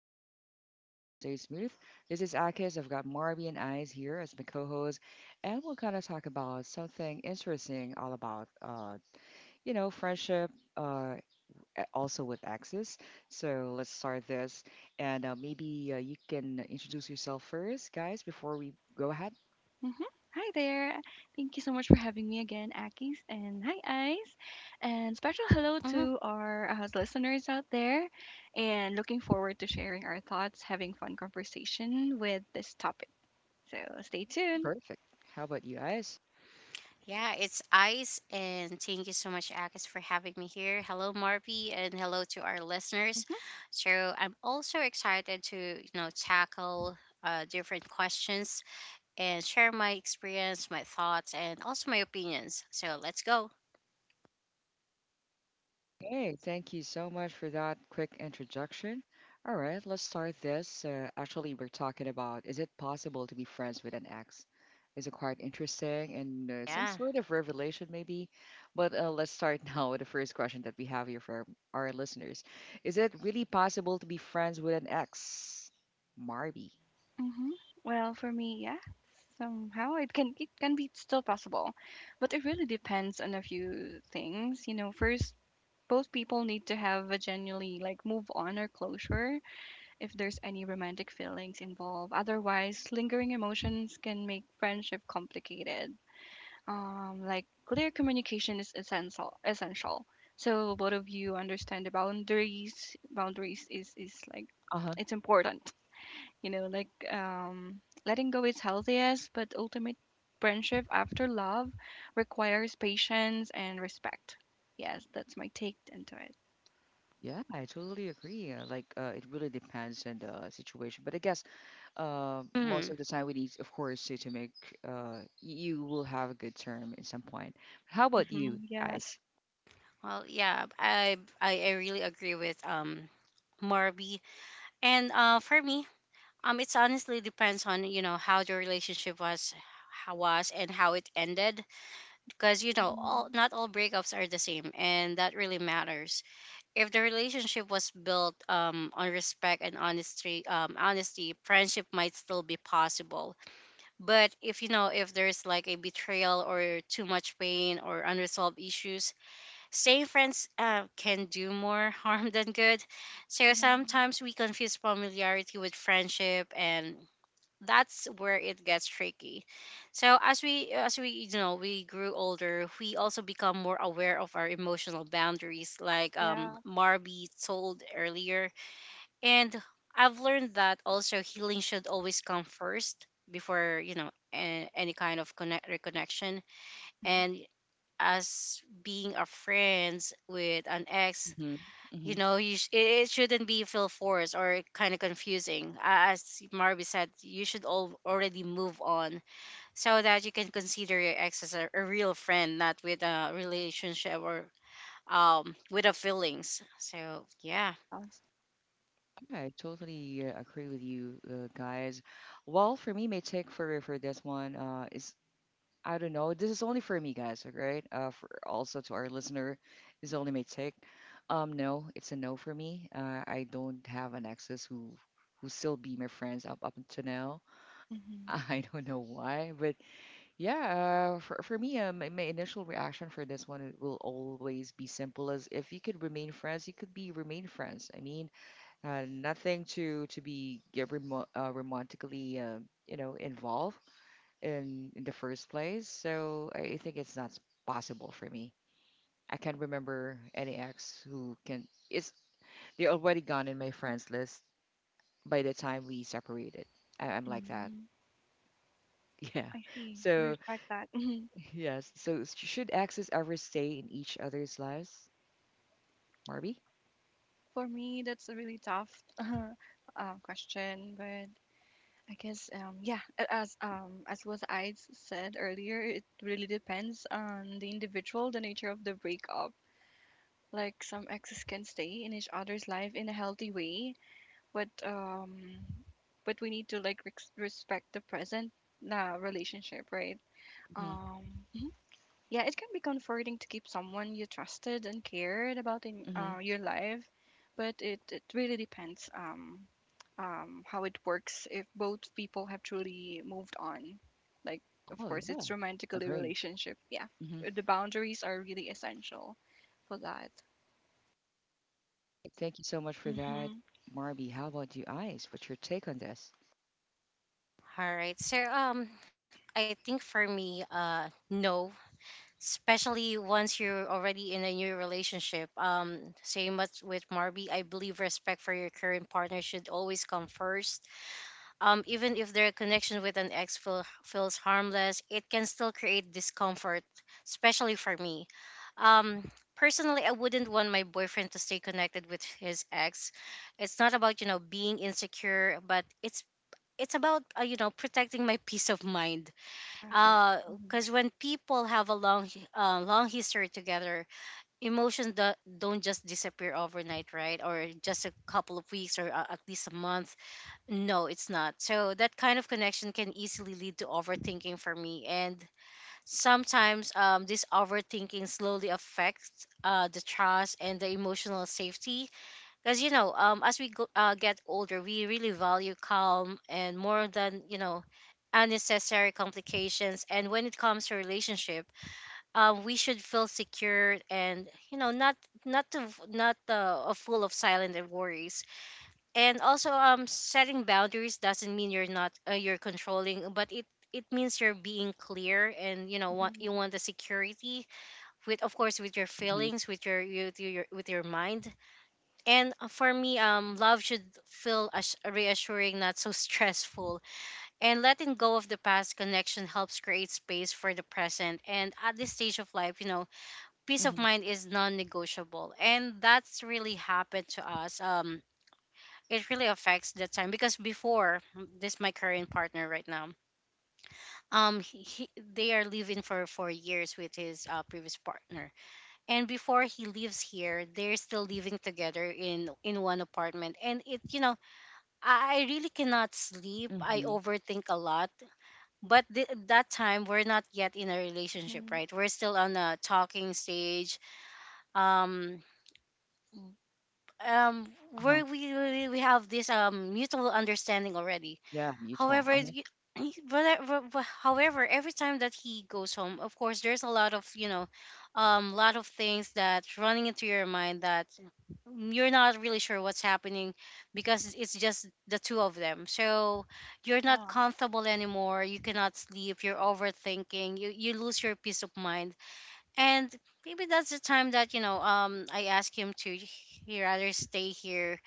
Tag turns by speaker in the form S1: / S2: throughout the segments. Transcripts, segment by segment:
S1: flow easy and the vibe stays smooth. This is Akis. I've got Marby and Eyes here as my co hosts, and we're gonna talk about something interesting, all about friendship, uh, a- also with exes. So let's start this, and maybe you can introduce yourself first, guys, before we go ahead.
S2: hmm Hi there. Thank you so much for having me again, Akis. And hi, Ice. And special hello
S3: hmm
S2: to our listeners out there. And looking forward to sharing our thoughts, having fun conversation with this topic. So stay tuned.
S1: Perfect. How about you guys?
S3: Yeah, it's Ice, and thank you so much, Agus, for having me here. Hello, Marvy, and hello to our listeners.
S2: hmm
S3: So I'm also excited to tackle different questions and share my experience, my thoughts, and also my opinions. So let's go.
S1: Hey, thank you so much for that quick introduction. All right, let's start this. Actually, we're talking about is it possible to be friends with an ex? Is it quite interesting and some
S3: Yeah.
S1: sort of revelation, maybe? But let's start now with the first question that we have here for our listeners. Is it really possible to be friends with an ex? Marby.
S2: hmm Well, for me, yeah, somehow it can be still possible, but it really depends on a few things. You know, first, both people need to have a genuinely like move on or closure if there's any romantic feelings involved. Otherwise, lingering emotions can make friendship complicated. Like clear communication is essential. Essential. So both of you understand the boundaries. Boundaries is like
S1: Uh-huh.
S2: it's important. Letting go is healthy, yes, but ultimate friendship after love requires patience and respect. Yes, that's my take into it.
S1: Yeah, I totally agree. Like, it really depends on the situation. But I guess most
S3: Hmm.
S1: of the time we need, of course, to make you will have a good term at some point. How about you
S2: Mm-hmm. Yes.
S1: guys?
S3: Well, yeah, I really agree with Marby, and for me, it's honestly depends on how the relationship was, how was, and how it ended because you know
S2: Mm-hmm.
S3: all not all breakups are the same, and that really matters if the relationship was built on respect and honesty, honesty friendship might still be possible. But if you know if there's like a betrayal or too much pain or unresolved issues, staying friends can do more harm than good. So
S2: Mm-hmm.
S3: sometimes we confuse familiarity with friendship, and that's where it gets tricky. So as we you know we grew older, we also become more aware of our emotional boundaries, like
S2: Yeah.
S3: Marby told earlier. And I've learned that also healing should always come first before you know any kind of connect reconnection.
S2: Mm-hmm.
S3: And as being a friends with an ex,
S1: Hmm.
S3: you
S1: Hmm.
S3: know it shouldn't be feel forced or kind of confusing. As Marby said, you should all already move on so that you can consider your ex as a real friend, not with a relationship or with a feelings, so yeah.
S2: Yes.
S1: Yeah, I totally agree with you guys. Well, for me, my take for this one is I don't know. This is only for me, guys. Right? For also to our listener, this is only my take. No, it's a no for me. I don't have an exes who still be my friends up until now.
S2: Mm-hmm.
S1: I don't know why, but yeah. For me, my initial reaction for this one it will always be simple as if you could remain friends, you could be remain friends. I mean, nothing to be romantically, involved in the first place. So I think it's not possible for me. I can't remember any ex who can. It's they're already gone in my friends list by the time we separated. I, I'm like that.
S2: Mm.
S1: Yeah.
S2: I see. We
S1: So
S2: respect that.
S1: yes. So should exes ever stay in each other's lives, Marby?
S2: For me, that's a really tough question, but I guess yeah, as said earlier, it really depends on the individual, the nature of the breakup. Like some exes can stay in each other's life in a healthy way, but um, but we need to like respect the present relationship, right?
S1: Hmm.
S2: Um, Yeah, it can be comforting to keep someone you trusted and cared about in
S1: Hmm.
S2: your life, but it really depends how it works if both people have truly moved on. Like, of
S1: Oh
S2: course,
S1: yeah.
S2: it's romantically
S1: Agree.
S2: relationship. Yeah,
S1: Hmm.
S2: the boundaries are really essential for that.
S1: Thank you so much for that,
S2: Mm-hmm.
S1: Marby. How about you, Ice? What's your take on this?
S3: All right, so I think for me, uh, no, especially once you're already in a new relationship. Same as with Marby, I believe respect for your current partner should always come first. Even if their connection with an ex feels harmless, it can still create discomfort, especially for me. Um, personally, I wouldn't want my boyfriend to stay connected with his ex. It's not about you know being insecure, but it's about you know protecting my peace of mind.
S2: Yeah, yeah. Mm-hmm.
S3: Because when people have a long history together, don't just disappear overnight, right? Or just a couple of weeks or at least a month? No, it's not. So that kind of connection can easily lead to overthinking for me, and sometimes this overthinking slowly affects the trust and the emotional safety. Because you know, as we go, get older, we really value calm and more than you know unnecessary complications. And when it comes to relationship, we should feel secure and you know not full of silent worries. And also setting boundaries doesn't mean you're not you're controlling, but it means you're being clear and you know what
S2: Mm-hmm.
S3: you want, the security, with of course with your
S1: Mm-hmm.
S3: feelings, with your mind. And for me, love should feel reassuring, not so stressful. And letting go of the past connection helps create space for the present, and at this stage of life, you know, peace of
S1: Mm-hmm.
S3: mind is non-negotiable. And that's really happened to us, um, it really affects the time, because before this my current partner right now, um he, he, they are living for 4 years with his previous partner, and before he leaves here, they're still living together in one apartment. And it, you know, I really cannot sleep, I
S1: Mm-hmm.
S3: overthink a lot. But that time we're not yet in a relationship,
S2: Mm-hmm.
S3: right? We're still on a talking stage, um um
S1: Uh-huh.
S3: where we have this mutual understanding already.
S1: Yeah, mutual.
S3: However, however, every time that he goes home, of course, there's a lot of you know, lot of things that's running into your mind, that you're not really sure what's happening because it's just the two of them. So you're not
S2: Yeah.
S3: comfortable anymore. You cannot sleep. You're overthinking. You lose your peace of mind. And maybe that's the time that you know, I ask him to he rather stay here,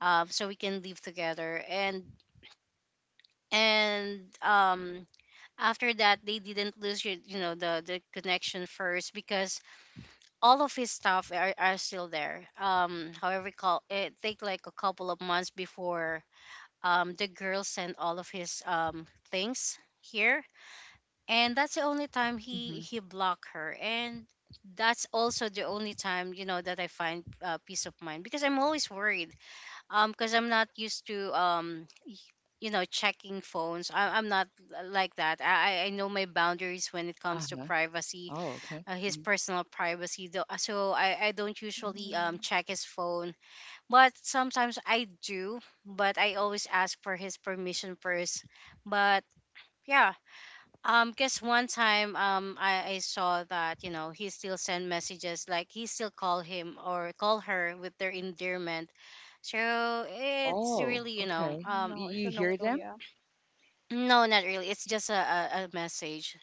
S3: so we can live together. And and um after that they didn't lose you, you know the connection first, because all of his stuff are still there. However call it take like a couple of months before the girl sent all of his things here, and that's the only time
S1: Uh-huh.
S3: he blocked her. And that's also the only time, you know, that I find peace of mind, because I'm always worried, because I'm not used to you know, checking phones. I'm not like that. I know my boundaries when it comes to
S1: Uh-huh.
S3: privacy,
S1: Oh, okay.
S3: his
S1: Mhm.
S3: personal privacy. Though, so I don't usually
S2: Mm-hmm.
S3: check his phone, but sometimes I do. But I always ask for his permission first. But yeah. Guess one time, I saw that you know he still send messages, like he still call him or call her with their endearment, so it's
S1: Oh,
S3: really, you know,
S1: okay. You,
S2: No, it's
S1: you
S2: a
S1: hear
S2: no-no.
S1: them?
S2: Yeah.
S3: no, not really. It's just a message,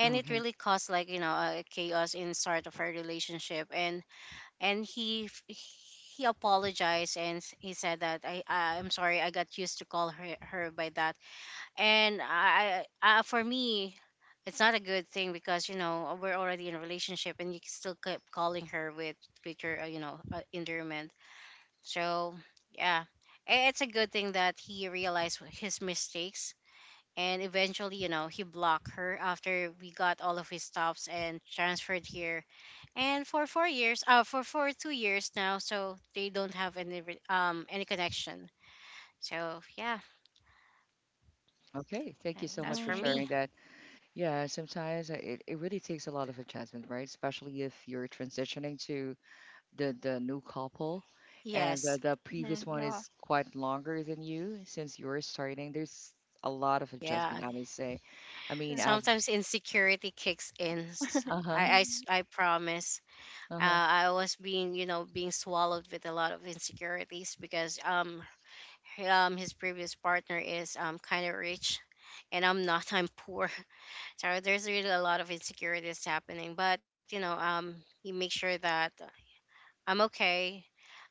S3: and it really caused like you know a chaos in start of our relationship. And and he f- he apologized and he said that I'm sorry I got used to call her her by that. And I for me. It's not a good thing, because you know we're already in a relationship and you can still keep calling her with your you know endearment. So, yeah, it's a good thing that he realized his mistakes, and eventually, you know, he blocked her after we got all of his stops and transferred here. And for 4 years, for 2 years now, so they don't have any any connection. So yeah,
S1: Okay. Thank you so
S3: that's
S1: much for
S3: for
S2: Mm-hmm.
S3: me.
S1: sharing that. Yeah, sometimes it really takes a lot of adjustment, right? Especially if you're transitioning to the new couple and
S3: Yes.
S1: the
S2: Mm-hmm.
S1: previous one
S2: Yeah.
S1: is quite longer than you since you're starting. There's a lot of
S3: Yeah,
S1: adjustment, I would say. I mean,
S2: True.
S1: I've
S3: sometimes insecurity kicks in.
S1: uh-huh,
S2: Mm-hmm.
S3: I promise.
S1: uh-huh.
S3: I was being, you know, being swallowed with a lot of insecurities because his previous partner is kind of rich, and I'm not, I'm poor. So there's really a lot of insecurities happening, but you know he makes sure that I'm okay,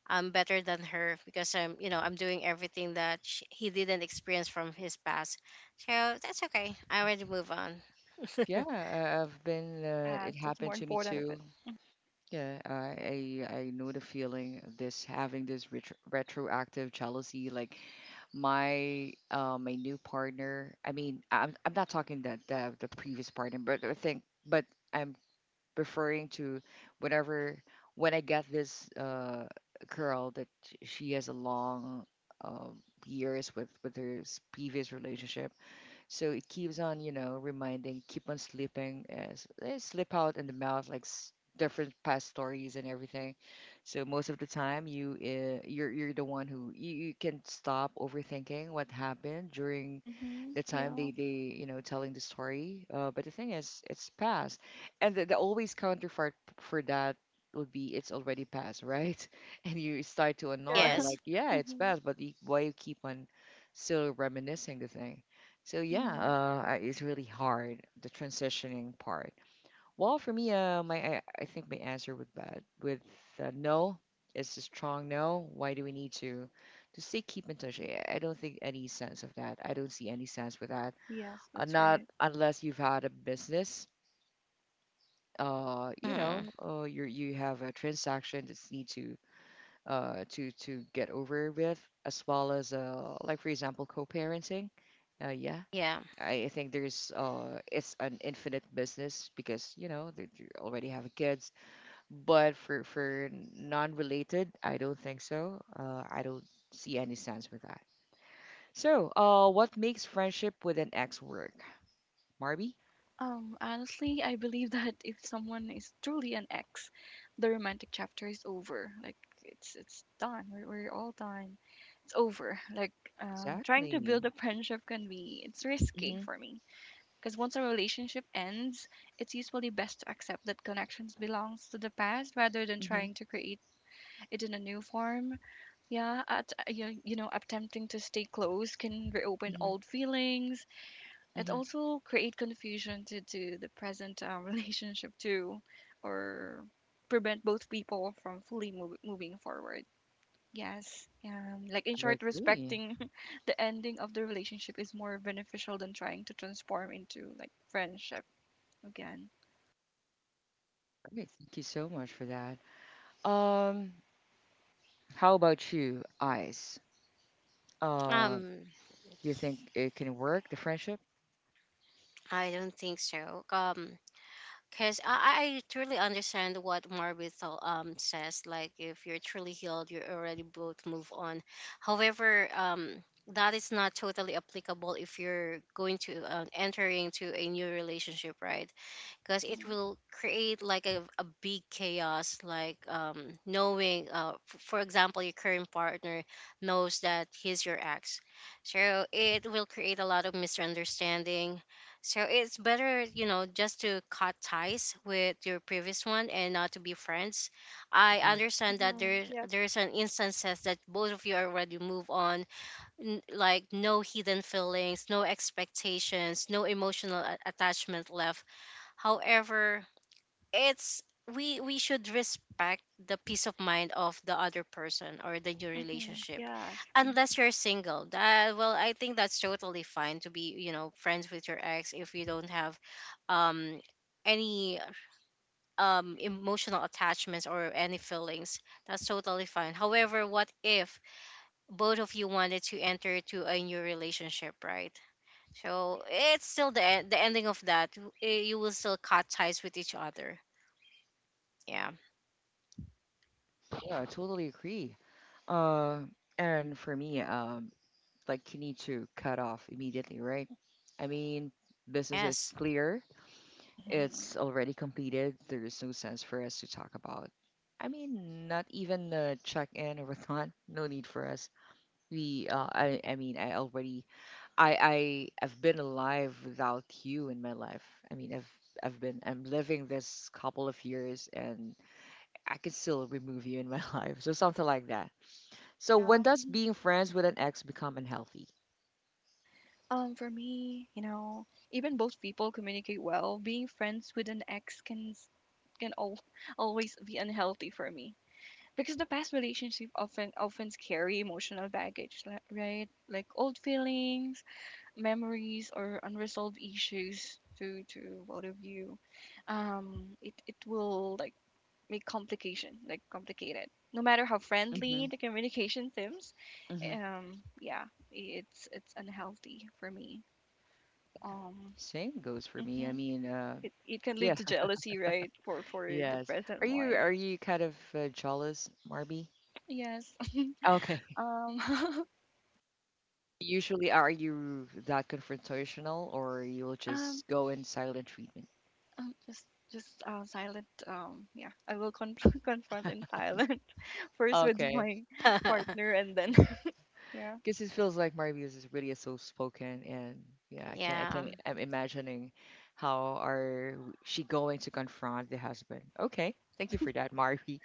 S3: I'm better than her, because I'm you know I'm doing everything that sh he didn't experience from his past. So that's okay, I already move on.
S1: Yeah, I've been it
S2: Yes, that's
S1: happened
S2: more
S1: to me
S2: important of
S1: too.
S2: it.
S1: Yeah, I know the feeling of this having this retroactive jealousy. Like my my new partner. I mean, I'm not talking that the previous partner, but I think, but I'm referring to whenever when I get this girl that she has a long um years with her previous relationship. So it keeps on, you know, reminding, keep on sleeping, as they slip out in the mouth, like different past stories and everything. So most of the time, you you're the one who you, you can stop overthinking what happened during
S2: Mhm.
S1: the time
S2: Yeah.
S1: they you know telling the story. But the thing is, it's past, and the always counterpart for that would be it's already past, right? And you start to
S2: Yeah.
S1: annoy, like,
S3: Yes.
S1: yeah, it's
S2: Mhm.
S1: past, but you, why you keep on still reminiscing the thing? So yeah,
S2: Mhm.
S1: it's really hard the transitioning part. Well, for me, I think my answer would that with no is a strong no. Why do we need to stay keep in touch? I don't think any sense of that. I don't see any sense with that.
S2: Yes, that's
S1: Not
S2: right.
S1: unless you've had a business. You know,
S3: Hmm.
S1: you you have a transaction that's need to to get over with, as well as like for example co-parenting. Yeah,
S3: Yeah.
S1: I think there's it's an infinite business because you know they already have kids. But for non-related, I don't think so. I don't see any sense with that. So, what makes friendship with an ex work, Marby?
S2: Honestly, I believe that if someone is truly an ex, the romantic chapter is over. Like it's done. We're all done. It's over. Trying to
S1: Exactly.
S2: build a friendship can be it's risky
S1: Mhm.
S2: for me because once a relationship ends, it's usually best to accept that connections belongs to the past rather than
S1: Mhm.
S2: trying to create it in a new form. Yeah, at you, you know, attempting to stay close can reopen
S1: Mhm.
S2: old feelings. It
S1: Mhm.
S2: also create confusion to the present relationship too, or prevent both people from fully moving forward. Yes, like in
S1: I
S2: short,
S1: agree.
S2: respecting the ending of the relationship is more beneficial than trying to transform into like friendship again.
S1: Okay, thank you so much for that. Um, how about you, Ice? Uh,
S3: um
S1: do you think it can work the friendship?
S3: I don't think so, because I truly understand what says. Like if you're truly healed, you already both move on. However, that is not totally applicable if you're going to enter into a new relationship, right? Because it
S2: Mm-hmm.
S3: will create like a big chaos, like knowing for example your current partner knows that he's your ex, so it will create a lot of misunderstanding. So it's better you know just to cut ties with your previous one and not to be friends. I understand that
S2: Mm-hmm. Yeah.
S3: there's an instances that both of you already move on, like no hidden feelings, no expectations, no emotional attachment left. However, it's we should respect the peace of mind of the other person or the new
S2: Mm-hmm.
S3: relationship.
S2: Yes.
S3: Unless you're single, that well I think that's totally fine to be you know friends with your ex if you don't have um any emotional attachments or any feelings, that's totally fine. However, what if both of you wanted to enter to a new relationship, right? So it's still the the ending of that, eh, you will still cut ties with each other. Yeah.
S1: Yeah, I totally agree. Uh, and for me, like you need to cut off immediately, right? I mean, business is
S3: Yes.
S1: clear.
S2: Mm-hmm.
S1: It's already completed. There is no sense for us to talk about. I mean, not even check in or whatnot. No need for us. We, I mean, I already, I've been alive without you in my life. I mean, I'm living this couple of years, and I can still remove you in my life. So something like that. So
S2: Yeah.
S1: when does being friends with an ex become unhealthy?
S2: For me, you know, even both people communicate well. Being friends with an ex can s- can al always be unhealthy for me because the past relationship often carry emotional baggage, right? Like old feelings, memories, or unresolved issues to both of you. It will like make complication like complicated. No matter how
S1: Mm-hmm.
S2: friendly the communication seems,
S1: Mm-hmm.
S2: yeah, it's unhealthy for me. Um,
S1: Same goes for me. I
S2: hmm
S1: mean,
S2: It can
S1: yeah,
S2: lead to jealousy, right? For the
S1: yes.
S2: present one.
S1: Are you kind of jealous, Marby?
S2: Yes.
S1: Okay.
S2: Um,
S1: Usually, are you that confrontational, or you'll
S2: um,
S1: just go in silent treatment?
S2: um just just silent. Yeah, I will confront in silent first with
S1: Okay.
S2: my partner, and then yeah.
S1: Because it feels like Marvius is really so spoken, and yeah,
S3: Yeah.
S1: I'm imagining how are she going to confront the husband. Okay, thank you for that, Marvi.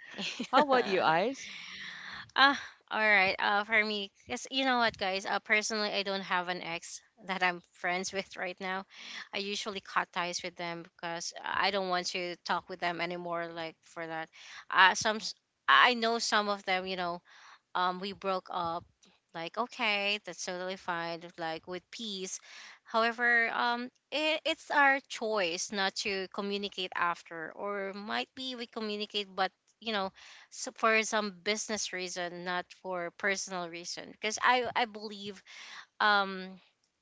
S1: How about you, eyes?
S3: Ah, all right. For me, yes, you know what, guys? Personally, I don't have an ex that I'm friends with right now. I usually cut ties with them because I don't want to talk with them anymore. Like for that, uh, some s- I know some of them. You know, we broke up, like okay that's totally fine, like with peace. However it, it's our choice not to communicate after, or might be we communicate but you know so for some business reason, not for personal reason. Because I believe, um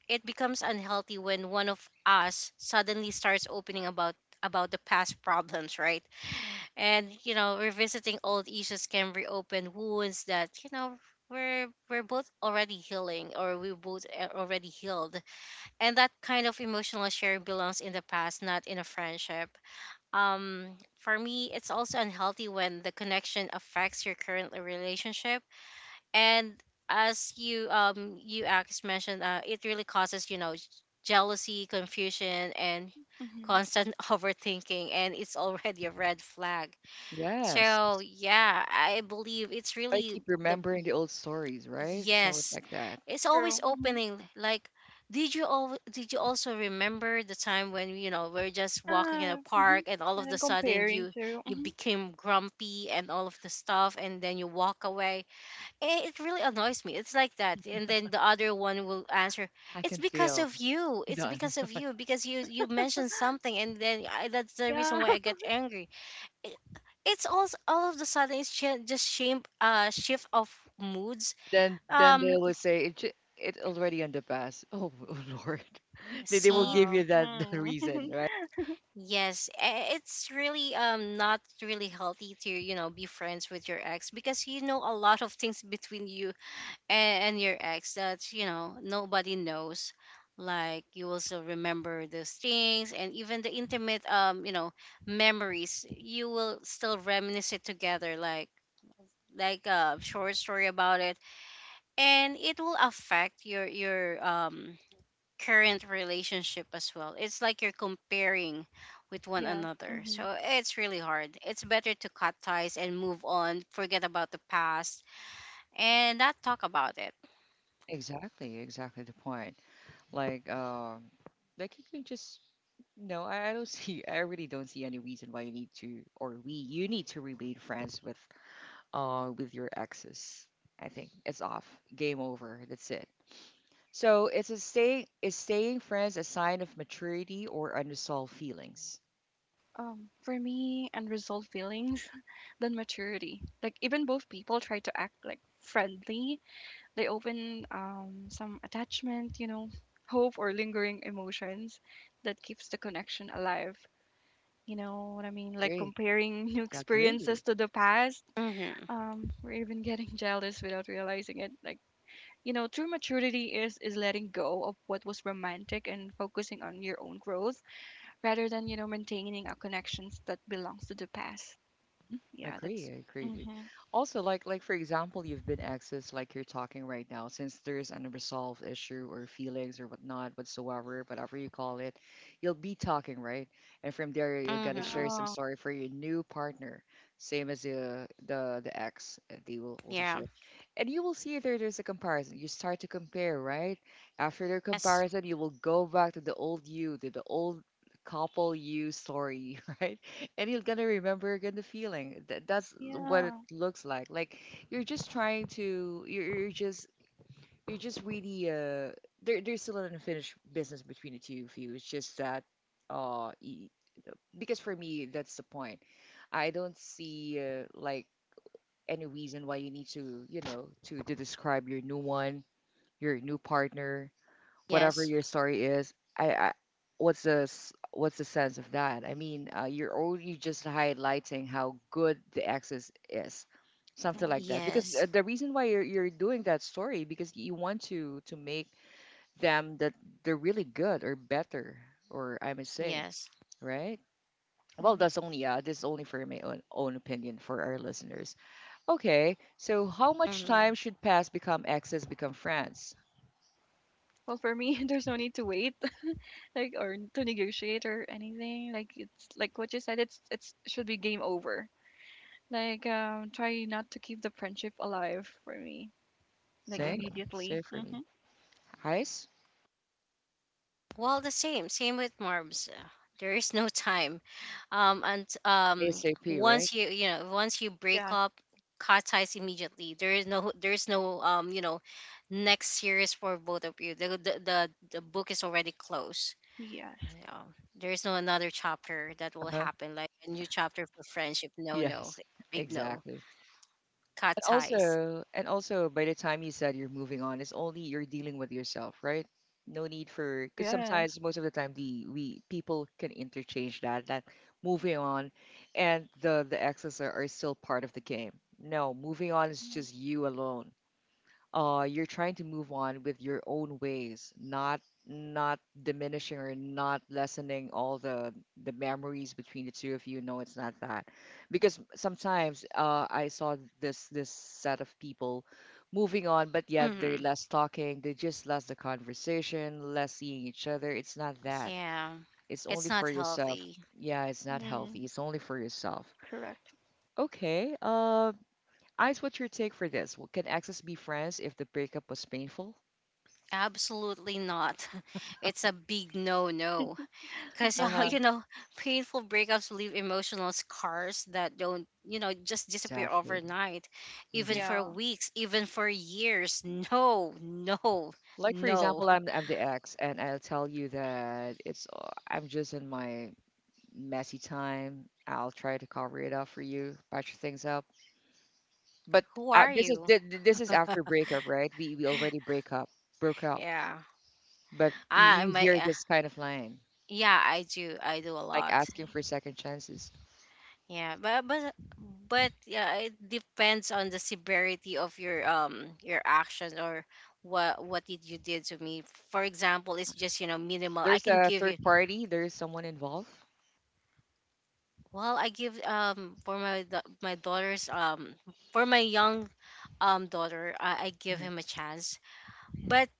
S3: it becomes unhealthy when one of us suddenly starts opening about the past problems, right? And you know revisiting old issues can reopen wounds that you know we're both already healing or we both already healed. And that kind of emotional sharing belongs in the past, not in a friendship. Um, for me it's also unhealthy when the connection affects your current relationship. And as you Alex mentioned, it really causes you know jealousy, confusion and
S2: hmm
S3: constant overthinking, and it's already a red flag.
S1: Yes.
S3: So yeah, I believe it's
S1: I
S3: really
S1: keep
S3: the
S1: remembering the old stories, right? It's always
S3: yes.
S1: like that.
S3: It's
S2: True.
S3: always opening like did you also remember the time when you know we're just walking in a
S2: Yeah.
S3: park and all of
S2: And
S3: the
S2: then
S3: sudden
S2: comparing
S3: you
S2: to.
S3: you became grumpy and all of the stuff and then you walk away. It really annoys me it's like that, and then the other one will answer,
S1: I
S3: it's
S1: can
S3: because
S1: feel
S3: of you, it's
S1: done.
S3: because of you, because you mentioned something and then that's the
S2: Yeah.
S3: reason why I get angry. it- it's also all of the sudden it's just shame shift of moods.
S1: Then they
S3: um
S1: will say it it already on the past. Oh, oh Lord. They will
S3: See,
S1: give
S2: Yeah.
S1: you that the
S2: Mm.
S1: reason, right?
S3: yes. It's really not really healthy to you know be friends with your ex, because you know a lot of things between you and your ex that you know nobody knows, like you will still remember those things, and even the intimate you know memories you will still reminisce it together, like a short story about it. And it will affect your your current relationship as well. It's like you're comparing with one
S2: Yes.
S3: another,
S2: Mhm.
S3: so it's really hard. It's better to cut ties and move on, forget about the past and not talk about it.
S1: Exactly, exactly the point. Like um like you can just no, I don't see I really don't see any reason why you need to or we you need to remain friends with your exes. I think it's off. Game over. That's it. So it's a stay is staying friends a sign of maturity or unresolved feelings?
S2: For me, unresolved feelings than maturity. Like even both people try to act like friendly, they open some attachment, you know, hope or lingering emotions that keeps the connection alive. You know what I mean? Like
S1: Great,
S2: comparing new
S1: yeah, great.
S2: experiences to the past,
S3: Mm-hmm.
S2: or even getting jealous without realizing it. Like you know, true maturity is letting go of what was romantic and focusing on your own growth rather than you know maintaining a connections that belongs to the past.
S1: I
S2: Yeah,
S1: agree,
S2: that's
S1: I agree.
S2: mhm.
S1: Also, like for example, you've been accessed like you're talking right now, since there's an unresolved issue or feelings or whatnot, whatsoever, whatever you call it, you'll be talking, right? And from there you're gonna share
S3: Mm-hmm.
S1: some
S2: Yeah.
S1: story for your new partner, same as the ex, they will also
S3: Yeah.
S1: share. And you will see there's a comparison. You start to compare, right? After their
S3: Yes.
S1: comparison, you will go back to the old you, to the old couple you story, right? And you're gonna remember again the feeling. That that's what it
S2: Yeah.
S1: looks like. Like you're just trying to, you're just really. There's still an unfinished business between the two of you. It's just that, uh, y- because for me that's the point. I don't see like any reason why you need to, you know, to describe your new one, your new partner whatever
S3: Yes.
S1: your story is I what's what's the sense of that. I mean you're only just highlighting how good the access is, something
S2: Mhm.
S1: like that, because
S3: Yes.
S1: the reason why you're doing that story because you want to make them that they're really good or better, or I must say,
S3: Yes.
S1: right? Well,
S2: Mhm.
S1: that's only this is only for my own opinion for our listeners. Okay, so how much
S3: Mm-hmm.
S1: time should pass become exes become friends?
S2: Well, for me, there's no need to wait, like, or to negotiate or anything. Like, it's like what you said. It's should be game over. Like, try not to keep the friendship alive for me. Like
S1: Same,
S2: immediately.
S1: same for me.
S2: Mhm.
S1: Hi.
S3: Well, the same, same with Marbs. There is no time. And
S1: ASAP, right?
S3: once you you know once you break
S2: Yes.
S3: up, cut ties immediately. There is no, there is no you know next series for both of you. The book is already closed.
S2: Yes.
S3: Yeah. There is no another chapter that will
S1: Uh-huh.
S3: happen, like a new chapter for friendship. No, no,
S1: Yes,
S3: it's a big no.
S1: exactly.
S3: Cut ties.
S1: And also, by the time you said you're moving on, it's only you're dealing with yourself, right? No need for, because
S2: Yes.
S1: sometimes, most of the time, the we people can interchange that moving on, and the exes are still part of the game. No, moving on is
S2: Mhm.
S1: just you alone. Uh, you're trying to move on with your own ways, not not diminishing or not lessening all the memories between the two of you. No, it's not that, because sometimes I saw this set of people moving on but yet they're
S3: Hmm.
S1: less talking, they just less the conversation, less seeing each other. It's not that.
S3: Yeah,
S1: It's
S3: it's
S1: only
S3: not
S1: for yourself.
S3: healthy.
S1: Yeah, it's not healthy,
S2: Mhm.
S1: it's only for yourself.
S2: Correct.
S1: Okay, uh, Ice, what's your take for this? Well, can exes be friends if the breakup was painful?
S3: Absolutely not. It's a big no no. Because
S2: Mhm.
S1: Uh-huh.
S3: you know painful breakups leave emotional scars that don't you know just disappear
S1: Exactly.
S3: overnight,
S1: Hmm.
S3: even for
S2: Yeah.
S3: weeks, even for years. No, no.
S1: Like for
S3: No.
S1: example, I'm the ex, and I'll tell you that it's I'm just in my messy time. I'll try to cover it up for you, patch things up. But
S3: Who
S1: uh,
S3: are
S1: this is
S3: you?
S1: th- th- this is after breakup, right? We already break up, broke up.
S3: Yeah,
S1: But you,
S3: I
S1: you
S3: my
S1: hear this kind of line,
S3: yeah, I do a
S1: like
S3: lot.
S1: asking for second chances.
S3: Yeah, but but yeah, it depends on the severity of your action, or what did you did to me. For example, it's just you know minimal, I
S1: There's
S3: can
S1: a
S3: give
S1: third
S3: you.
S1: party. There is someone involved.
S3: Well, I give for my my daughter's for my young daughter, I give
S1: Hmm.
S3: him a chance, but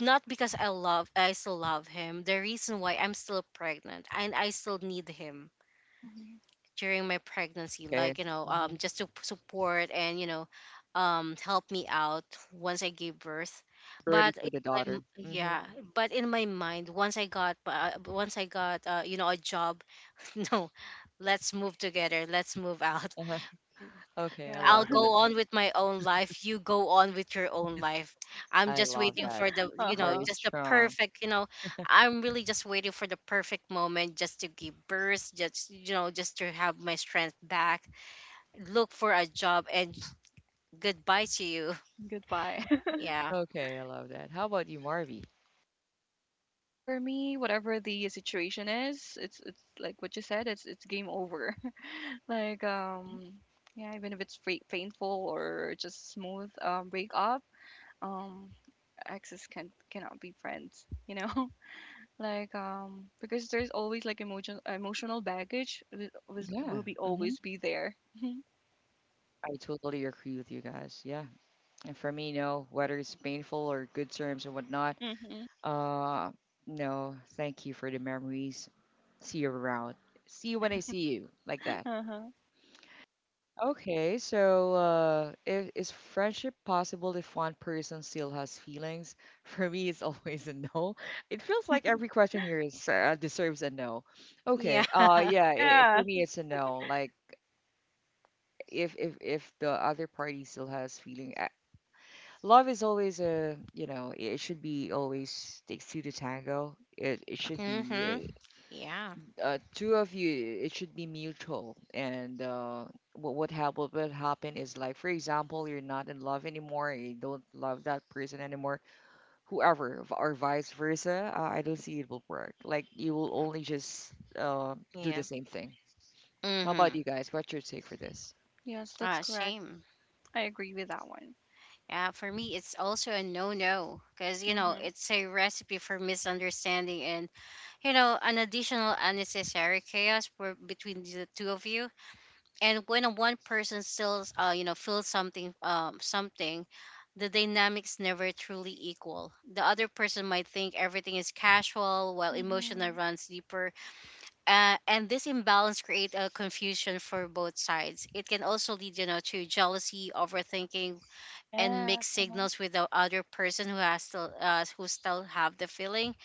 S3: not because I love, I still love him. The reason why I'm still pregnant and I still need him
S2: Mhm.
S3: during my pregnancy,
S1: Okay.
S3: like you know,
S1: Hmm.
S3: just to support and you know, help me out once I gave birth.
S1: Really
S3: But
S1: for
S3: in
S1: the
S3: my m-
S1: daughter. Hmm.
S3: Yeah, but in my mind, once I got you know a job, no, let's move together, let's move out.
S1: Uh-huh. Okay, I
S2: Yeah.
S3: I'll
S1: love that.
S3: go on with my own life, you go on with your own life. I'm
S1: I
S3: just
S1: love
S3: waiting
S1: that.
S3: for the,
S2: Uh
S3: you know,
S1: Very
S2: huh.
S3: just the
S1: strong.
S3: perfect, you know, I'm really just waiting for the perfect moment, just to give birth, just, you know, just to have my strength back. Look for a job, and goodbye to you.
S2: Goodbye.
S3: Yeah.
S1: Okay, I love that. How about you, Marvy?
S2: For me, whatever the situation is, it's like what you said, it's game over. Like um yeah, even if it's painful or just smooth breakup, um exes cannot be friends, you know? Like because there's always like emotional baggage will
S1: Yeah,
S2: be
S1: hmm.
S2: always be there.
S1: I totally agree with you guys. Yeah, and for me, no, whether it's painful or good terms and whatnot,
S2: Mm-hmm.
S1: uh, no, thank you for the memories. See you around. See you when I see you, like that.
S2: Uh-huh.
S1: Okay, so if, is friendship possible if one person still has feelings? For me, it's always a no. It feels like every question here is deserves a no.
S3: Yeah.
S1: Okay, yeah, I for
S2: Yeah.
S1: me, it's a no. Like if the other party still has feeling, love is always a you know it should be always takes two to tango. It should be
S3: Mm-hmm. Yeah.
S1: two of you, it should be mutual. And uh, what would happen is like, for example, you're not in love anymore, you don't love that person anymore, whoever, or vice versa. I don't see it will work. Like you will only just uh, do the
S3: Yeah.
S1: same thing. How about
S3: Mm-hmm.
S1: you guys? What's your take for this?
S2: Yes, that's
S3: Ah,
S2: correct.
S3: shame.
S2: I agree with that one.
S3: Yeah, for me, it's also a no-no, because you know
S2: Mm-hmm.
S3: it's a recipe for misunderstanding and you know an additional unnecessary chaos for, between the two of you. And when a one person still, you know, feels something, something, the dynamics never truly equal. The other person might think everything is casual, while emotional
S2: Mm-hmm.
S3: runs deeper. And this imbalance creates a confusion for both sides. It can also lead, you know, to jealousy, overthinking, and
S2: Yeah.
S3: mixed
S2: Uh-huh.
S3: signals with the other person who has still, who still have the feeling.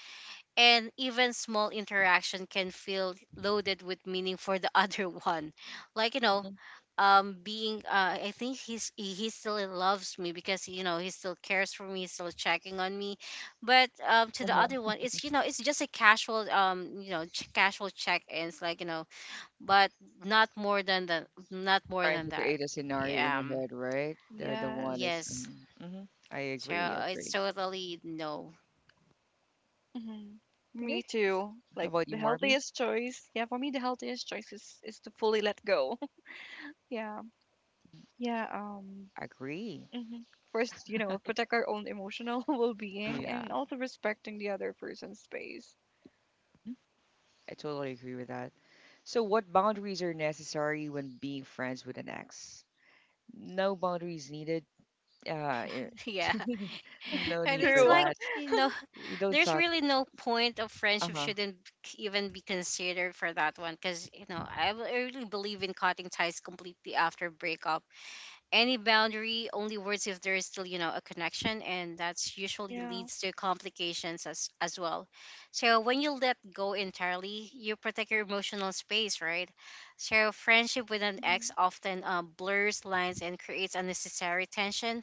S3: And even small interaction can feel loaded with meaning for the other one, like you know
S1: Mhm.
S3: being I think he's, he still loves me because you know he still cares for me, he's still checking on me. But to the
S1: Uh-huh.
S3: other one, it's you know it's just a casual you know casual check ins like you know, but not more
S1: Trying
S3: than
S1: to
S3: that.
S1: create a scenario in
S3: Yeah.
S1: your
S3: Um,
S1: head, right? The one
S2: Yes.
S1: is.
S3: yes.
S1: Mm-hmm. Mm-hmm. I
S3: So
S1: agree. I
S3: it's
S1: agree.
S3: totally no.
S2: Mhm.
S1: Okay.
S2: Me too.
S1: How
S2: Like
S1: about you,
S2: the
S1: Marby?
S2: healthiest choice, yeah, for me the healthiest choice is to fully let go. Yeah. Yeah,
S1: Agree.
S2: mhm. First, you know, protect our own emotional well-being
S1: Yeah.
S2: and also respecting the other person's space.
S1: I totally agree with that. So, what boundaries are necessary when being friends with an ex? No boundaries needed. Uh, eh,
S3: Yeah.
S1: no
S3: Right,
S1: need
S3: it's
S1: for
S2: True.
S3: like,
S1: that.
S3: you know,
S1: You don't
S3: there's
S1: talk.
S3: really no point of
S1: Uh
S3: friendship,
S1: huh.
S3: shouldn't even be considered for that one, because, you know, I really believe in cutting ties completely after breakup. Any boundary only works if there is still, you know, a connection, and that's usually
S2: Yeah.
S3: leads to complications as well. So when you let go entirely, you protect your emotional space, right? So friendship with an
S2: Mhm.
S3: ex often um blurs lines and creates unnecessary tension.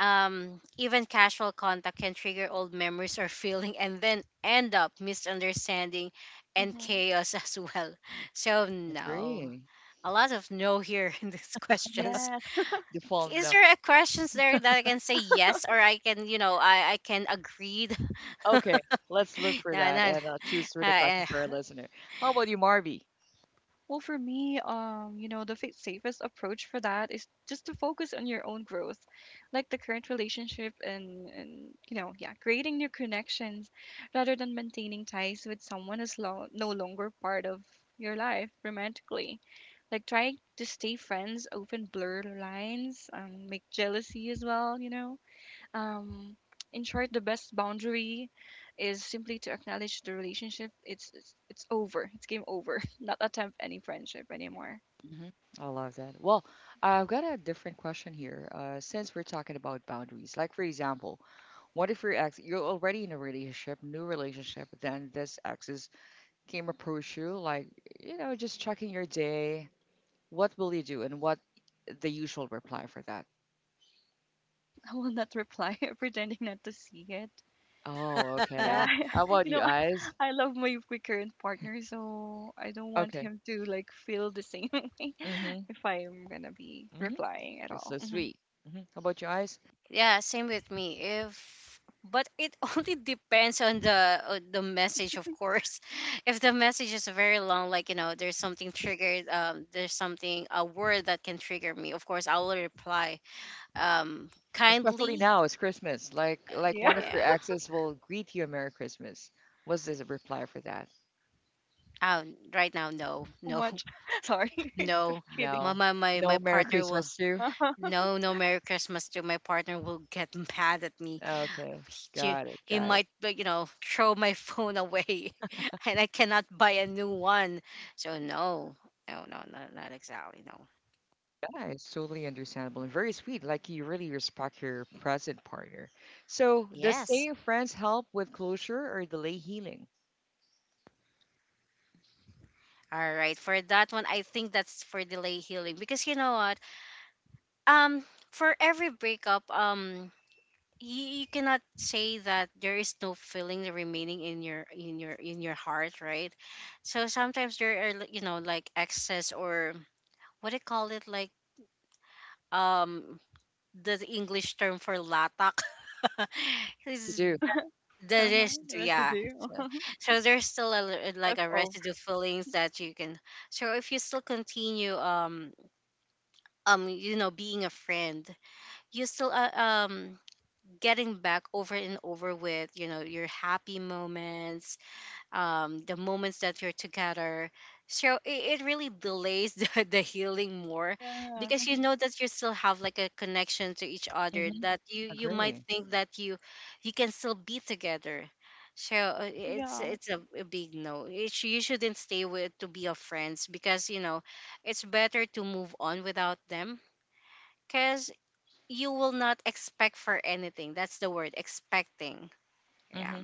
S3: Um, even casual contact can trigger old memories or feeling, and then end up misunderstanding and
S2: Mhm.
S3: chaos as well. So no.
S1: Agree.
S3: A lot of no here in these questions.
S2: Yes.
S1: Default
S3: Is
S1: no.
S3: there a questions there that I can say yes or I can, you know, I can agreed? No.
S1: Okay, let's look for
S3: No.
S1: that
S3: No.
S1: and choose for the question for our listener. How about you, Marby?
S2: Well, for me, you know, the safest approach for that is just to focus on your own growth, like the current relationship and you know, yeah, creating new connections rather than maintaining ties with someone who's no longer part of your life romantically. Like trying to stay friends, often blur the lines, make jealousy as well, you know um, in short, the best boundary is simply to acknowledge the relationship. It's over. It's game over. Not attempt any friendship anymore.
S1: Hmm. I love that. Well, I've got a different question here. Since we're talking about boundaries, like for example, what if your ex, you're already in a relationship, new relationship, then this ex is came approach you, like, you know, just checking your day, what will you do and what the usual reply for that?
S2: I will not reply, pretending not to see it.
S1: Oh,
S2: Yeah,
S3: Uh,
S1: okay. How about
S2: you
S1: you,
S2: know,
S1: eyes?
S2: I love my my current partner, so I don't want
S1: Okay.
S2: him to like feel the same way
S1: Mm-hmm.
S2: if I'm gonna be
S1: Mm-hmm.
S2: replying at
S1: It's
S2: all.
S1: so sweet. Hmm. How about your eyes?
S3: yeah, same with me. If but it only depends on the message, of course. If the message is very long, like you know, there's something triggered, there's something a word that can trigger me. Of course, I will reply,
S1: Well, especially
S3: kindly.
S1: now, it's Christmas. Like
S2: Yeah,
S1: one of your
S3: Yeah.
S1: exes will greet you a Merry Christmas. What's the reply for that?
S3: Right now, no,
S2: how
S3: no.
S2: much? Sorry, just
S3: No.
S2: kidding.
S3: My
S1: No, no Merry
S3: partner will.
S1: Christmas too.
S2: Uh-huh,
S3: No, no, Merry Christmas to my partner will get mad at me.
S1: Okay,
S3: She,
S1: got it,
S3: he
S1: got it.
S3: might like, you know throw my phone away and I cannot buy a new one, so no, no, no, no, not exactly, no.
S1: Yeah, it's totally understandable and very sweet. Like you really respect your present partner. So, does
S3: Yes,
S1: staying friends help with closure or delay healing?
S3: all right, for that one I think that's for delay healing, because you know what, um for every breakup you, you cannot say that there is no feeling remaining in your in your in your heart, right? So sometimes there are like, you know, like excess or what do you call it, like um the English term for latak.
S1: To
S3: Is
S1: do.
S3: the
S2: uh-huh.
S3: residue, yeah.
S2: Residue,
S3: So, so there's still a,
S2: the
S3: like a
S2: leftover.
S3: residue feelings that you can. So if you still continue, you know, being a friend, you still getting back over and over with, you know, your happy moments, the moments that you're together. So it really delays the, the healing more,
S2: Yeah.
S3: because you
S2: Mm-hmm.
S3: know that you still have like a connection to each
S1: Mm-hmm.
S3: other, that you
S1: Agree.
S3: might think that you can still be together. So it's
S2: Yeah.
S3: a big no. You shouldn't stay with to be of friends, because you know it's better to move on without them, because you will not expect for anything. That's the word, expecting.
S1: Mm-hmm.
S3: Yeah.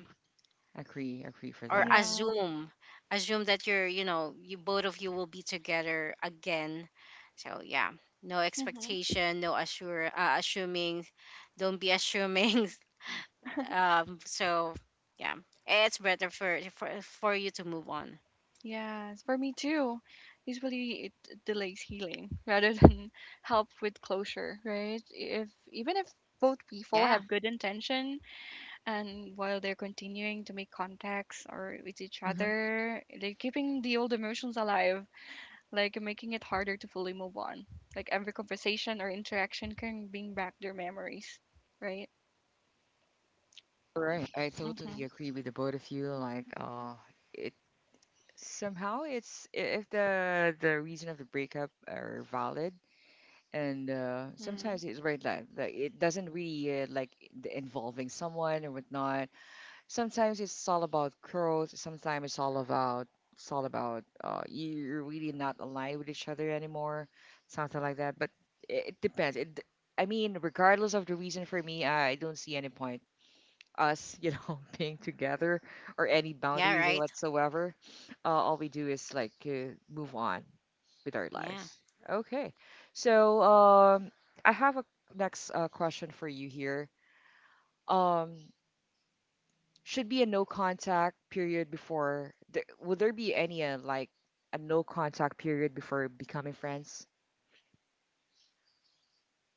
S1: Agree. Agree for
S3: Or
S1: that.
S2: Yeah.
S3: assume, assume that you're you know you both of you will be together again. So yeah, no
S2: hmm
S3: expectation, no assure, assuming. Don't be assuming. Um, so yeah, it's better for you to move on.
S2: Yes, for me too. Usually it delays healing rather than help with closure, right? If even if both people
S3: Yeah.
S2: have good intention and while they're continuing to make contacts or with each
S1: Mm-hmm.
S2: other, they're keeping the old emotions alive, like making it harder to fully move on. Like every conversation or interaction can bring back their memories, right?
S1: All right. I
S2: Mm-hmm.
S1: totally agree with the both of you. Like, it somehow if the the reason of the breakup are valid, and
S2: Mm-hmm.
S1: sometimes it's right that like it doesn't really the involving someone or whatnot, sometimes it's all about growth, sometimes it's all about, it's all about you're really not aligned with each other anymore, something like that, but it depends it d- I mean regardless of the reason for me I don't see any point us you know being together or any
S3: Yeah,
S1: boundaries or
S3: right.
S1: whatsoever. All we do is like move on with our
S3: Yeah.
S1: lives. Okay, so um I have a next question for you here. um should be a no contact period before there, would there be any a no contact period before becoming friends?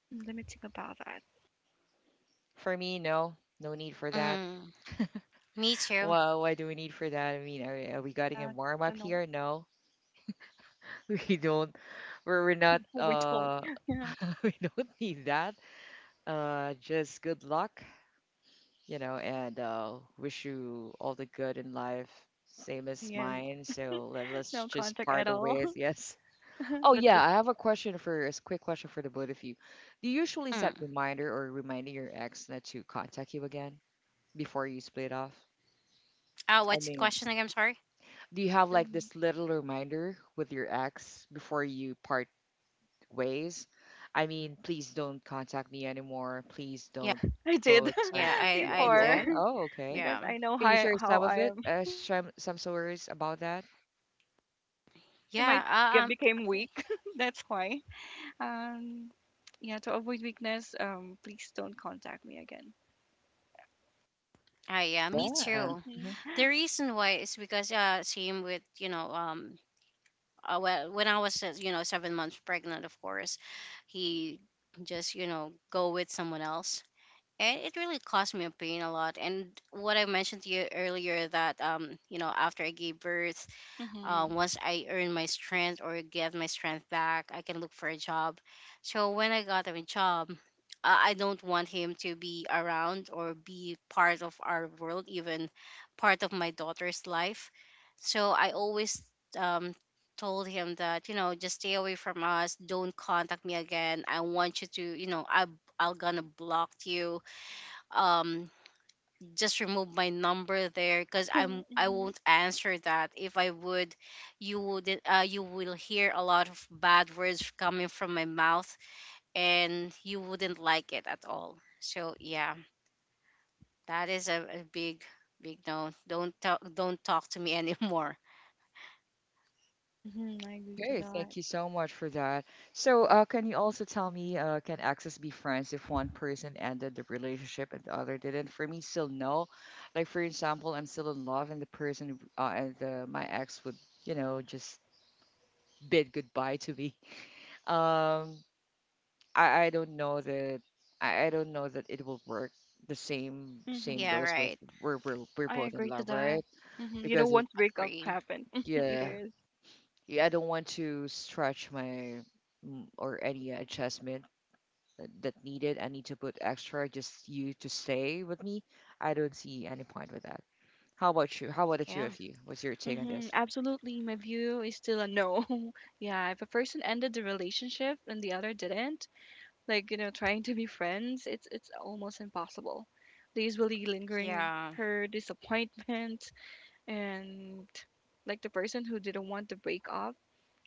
S2: Hmm, let me think about that.
S1: For me no, no need for that.
S3: Mm. Me too.
S1: Well why do we need for that? I mean are we getting a
S2: Yeah,
S1: warm
S2: so
S1: up
S2: no.
S1: here? No, we don't. We're not
S2: We don't.
S1: uh,
S2: Yeah.
S1: we don't need that. Uh just good luck, you know, and wish you all the good in life, same
S2: Mm,
S1: as
S2: yeah.
S1: mine. So let's
S2: No
S1: just
S2: contact
S1: part
S2: at
S1: the
S2: all.
S1: ways. Yes. Oh
S2: Not
S1: yeah,
S2: just
S1: I have a question for a quick question for the both of you. Do you usually set
S3: Mm.
S1: reminder or reminding your ex not to contact you again before you split off?
S3: Oh,
S1: I
S3: what's the
S1: mean,
S3: question again? Sorry.
S1: do you have
S2: for
S1: like
S2: me.
S1: this little reminder with your ex before you part ways? I mean, please don't contact me anymore. Please
S3: Yeah.
S1: don't
S2: I did
S1: post.
S3: Yeah, i
S1: Yeah,
S3: i
S1: you
S2: before.
S1: are?
S3: did.
S1: Oh,
S2: I
S1: okay.
S2: guess
S3: Yeah.
S2: I know
S1: Can you
S2: how
S1: share
S2: how
S1: some of
S2: I
S1: it?
S2: am.
S1: Some stories about that?
S2: I might
S3: Yeah.
S2: get became weak. That's why. Um. Yeah. To avoid weakness, please don't contact me again.
S3: Ah, yeah, me
S1: Yeah.
S3: too.
S2: Mhm.
S3: The reason why is because same with you know when I was you know 7 months pregnant, of course, he just you know go with someone else, and it really caused me a pain a lot. And what I mentioned to you earlier, that you know after I gave birth,
S2: Mhm.
S3: once I earn my strength or get my strength back, I can look for a job. So when I got a job, I don't want him to be around or be part of our world, even part of my daughter's life. So I always um told him that you know just stay away from us. Don't contact me again. I want you to you know I am gonna block you. Um, just remove my number there because I
S2: Mhm.
S3: won't answer that. If I would you will hear a lot of bad words coming from my mouth, and you wouldn't like it at all. So yeah, that is a big big no. Don't talk to me anymore.
S2: Mhm. I agree to
S1: Okay, thank
S2: that.
S1: you so much for that. So, can you also tell me, can exes be friends if one person ended the relationship and the other didn't? For me, still no. Like for example, I'm still in love, and the person, my ex would, you know, just bid goodbye to me. Um, I don't know that. I don't know that it will work. The same same
S2: Mhm.
S3: Yeah,
S1: goes with
S3: right.
S1: we're
S2: I
S1: both in
S2: agree to
S1: love,
S2: that.
S1: right?
S2: Mhm. You know,
S1: Because it,
S2: once breakup
S3: Agree.
S2: happened, it
S1: yeah,
S2: is.
S1: yeah, I don't want to stretch my mm, or any adjustment that that needed. I need to put extra just you to stay with me. I don't see any point with that. How about you? How about the two
S3: Yeah.
S1: of you? What's your take on
S2: Mm-hmm,
S1: this?
S2: absolutely. My view is still a no. Yeah, if a person ended the relationship and the other didn't, like, you know, trying to be friends, it's almost impossible. There's really lingering
S3: Yeah,
S2: her disappointment and like the person who didn't want to break up.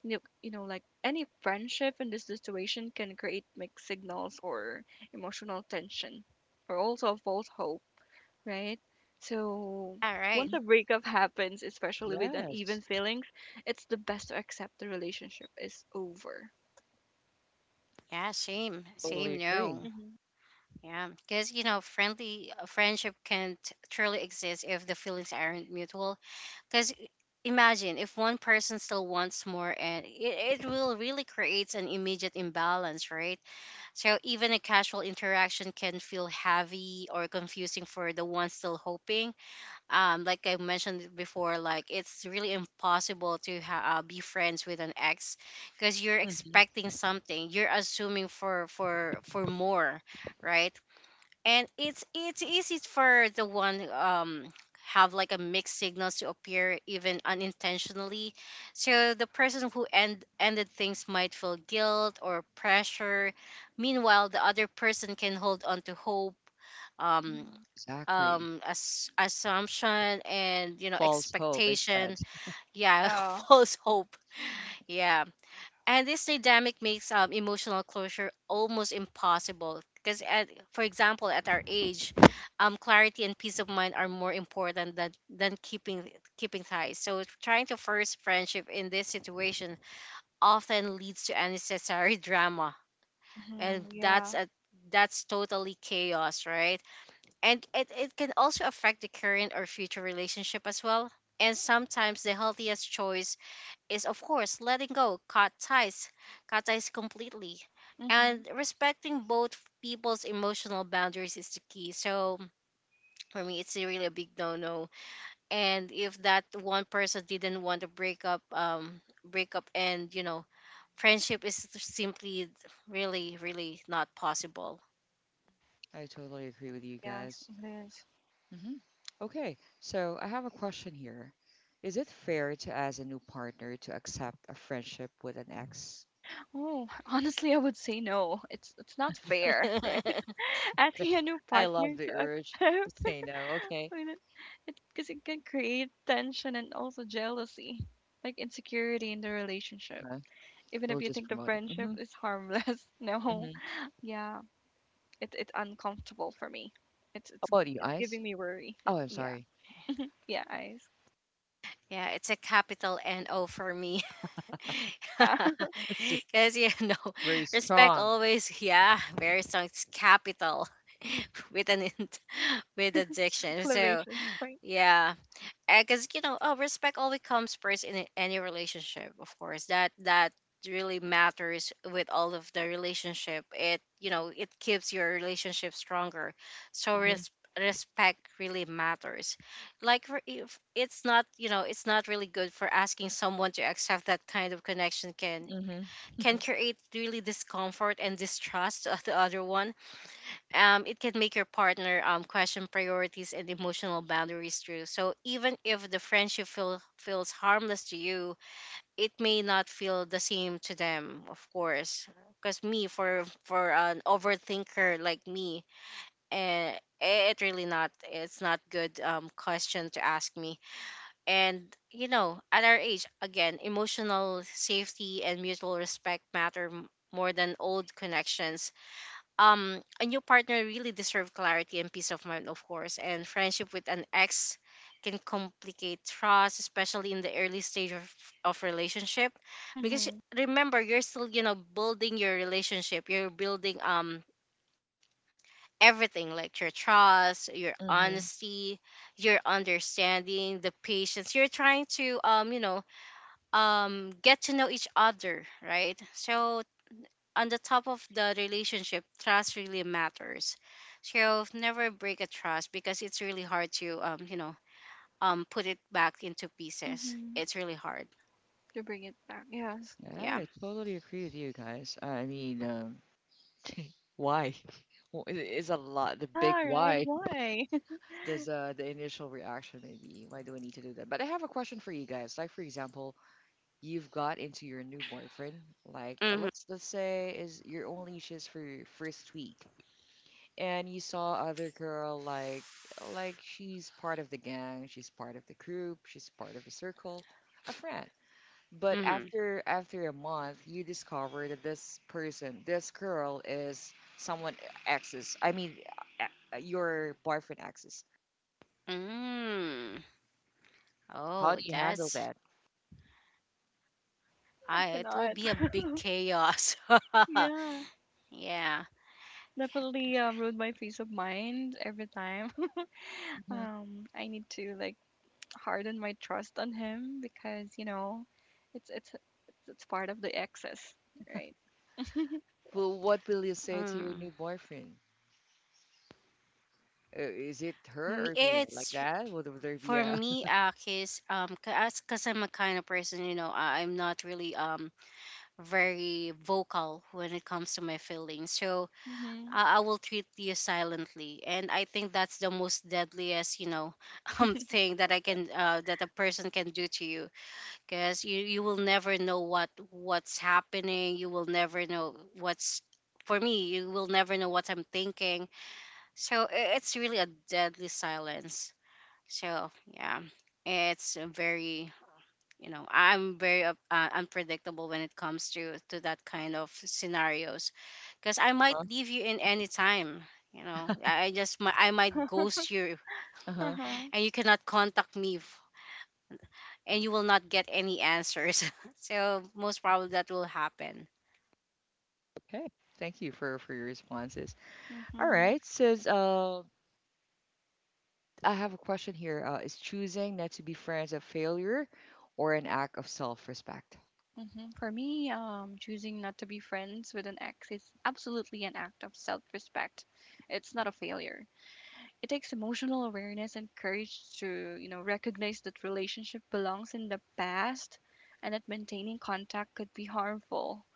S2: You know, like any friendship in this situation can create mixed signals or emotional tension or also false hope, right? So
S3: all right.
S2: once
S1: Mhm.
S2: a breakup happens, especially with
S1: Yes,
S2: uneven feelings, it's the best to accept the relationship is over.
S3: Yeah, same,
S1: totally
S3: same,
S1: agree.
S3: no.
S2: Mm-hmm.
S3: Yeah, because you know friendly friendship can't truly exist if the feelings aren't mutual. Because imagine if one person still wants more, and it will really creates an immediate imbalance, right? So even a casual interaction can feel heavy or confusing for the one still hoping. Like I mentioned before, like it's really impossible to be friends with an ex, because you're
S1: Hmm.
S3: expecting something, you're assuming for more, right? And it's easy for the one who, have like a mixed signals to appear even unintentionally. So the person who ended things might feel guilt or pressure. Meanwhile, the other person can hold on to hope. um
S2: Mm-hmm.
S1: Exactly.
S3: um as, assumption and
S1: False hope instead.
S3: expectation. Yeah.
S2: Yeah.
S3: False hope. Yeah. And this dynamic makes emotional closure almost impossible because, at for example at our age, clarity and peace of mind are more important than keeping ties. So trying to force friendship in this situation often leads to unnecessary drama. And
S2: Mm-hmm,
S3: that's
S2: yeah.
S3: a that's totally chaos, right? And it can also affect the current or future relationship as well. And sometimes the healthiest choice is, of course, letting go. Cut ties completely.
S2: Mm-hmm.
S3: And respecting both people's emotional boundaries is the key. So for me, it's a really a big no-no. And if that one person didn't want to break up, and friendship is simply really, really not possible.
S1: I totally agree with you
S2: Yes,
S1: guys.
S2: it is.
S1: Hmm. Okay, so I have a question here. Is it fair to ask a new partner to accept a friendship with an ex?
S2: Oh, honestly, I would say no. It's not fair,
S3: Yeah,
S2: right? Asking a new
S1: I love
S2: partner
S1: the
S2: to accept
S1: urge to say no. Okay,
S2: because it 'cause it can create tension and also jealousy, like insecurity in the relationship.
S1: Uh,
S2: Even if
S1: we'll
S2: you
S1: just
S2: think the
S1: promote it.
S2: friendship
S1: Hmm.
S2: is harmless. No,
S1: Hmm.
S2: yeah, it's uncomfortable for me. It's
S1: How
S2: it's
S1: about you,
S2: it's
S1: Ice?
S2: giving me worry. It-
S1: Oh, I'm
S2: Yeah,
S1: sorry.
S2: yeah, eyes.
S3: it's a capital NO for me.
S2: Yeah,
S1: It's just
S3: Because,
S1: very
S3: respect
S1: strong.
S3: always, yeah, very strong. It's capital with an int- with addiction. So,
S2: exclamation point.
S3: yeah, because respect always comes first in any relationship, of course. That really matters with all of the relationship. It keeps your relationship stronger, so
S1: Hmm.
S3: respect really matters. Like, if it's not really good for asking someone to accept that kind of connection, can
S1: Hmm.
S3: create really discomfort and distrust of the other one. Um, it can make your partner question priorities and emotional boundaries too. So even if the friendship feels harmless to you, it may not feel the same to them, of course. Because me, for an overthinker like me, eh, it's not good, question to ask me. And at our age, again, emotional safety and mutual respect matter more than old connections. Um a new partner really deserves clarity and peace of mind, of course, and friendship with an ex can complicate trust, especially in the early stage of relationship. Because
S2: Mhm,
S3: remember, you're still, building your relationship, you're building everything like your trust, your
S1: Hmm.
S3: honesty, your understanding, the patience. You're trying to get to know each other, right? So on the top of the relationship, trust really matters. So never break a trust, because it's really hard to put it back into pieces.
S2: mhm.
S3: It's really hard.
S2: To bring it back, yes.
S1: Yeah,
S3: Yeah.
S1: I totally agree with you guys. I mean, Why? Well, it is a lot. The
S2: Yeah,
S1: big
S2: right.
S1: why.
S2: Why?
S1: The initial reaction maybe. Why do we need to do that? But I have a question for you guys. Like for example, you've got into your new boyfriend. Like uh,
S3: Mhm.
S1: let's let's say is you're only just for your first week, and you saw other girl like she's part of the gang, she's part of the group, she's part of the circle, a friend. But
S3: Mhm.
S1: after a month, you discover that this person, this girl, is someone ex's. I mean, your boyfriend ex's.
S3: Mm.
S1: How
S3: Oh,
S1: do you handle
S3: that's.
S1: that?
S2: I
S3: I. It will
S2: cannot.
S3: be a big chaos.
S2: Yeah,
S3: Yeah.
S2: definitely ruin my peace of mind every time.
S1: Mhm.
S2: I need to like harden my trust on him because you know, it's it's it's part of the excess, right?
S1: Well, what will you say to your
S3: Mm.
S1: new boyfriend? Is it her or me? Like
S3: It's
S1: that? Would there be
S3: for
S1: a?
S3: me, Akis. Because I'm a kind of person, I'm not really very vocal when it comes to my feelings. So
S2: Mhm.
S3: I will treat you silently, and I think that's the most deadliest, thing that that a person can do to you, because you will never know what's happening. You will never know what's, for me, you will never know what I'm thinking. So it's really a deadly silence. So yeah, it's very, I'm very unpredictable when it comes to that kind of scenarios, because I might
S1: Uh
S3: leave you in any time. I just mi- I might
S2: Yeah.
S3: ghost you,
S1: huh.
S2: Uh-huh.
S3: and you cannot contact me, and you will not get any answers. So most probably that will happen.
S1: Okay. Thank you for your responses. All
S2: Mhm.
S1: right. Says I have a question here. Is choosing not to be friends a failure or an act of self-respect?
S2: Mhm. For me, choosing not to be friends with an ex is absolutely an act of self-respect. It's not a failure. It takes emotional awareness and courage to, you know, recognize that relationship belongs in the past and that maintaining contact could be harmful.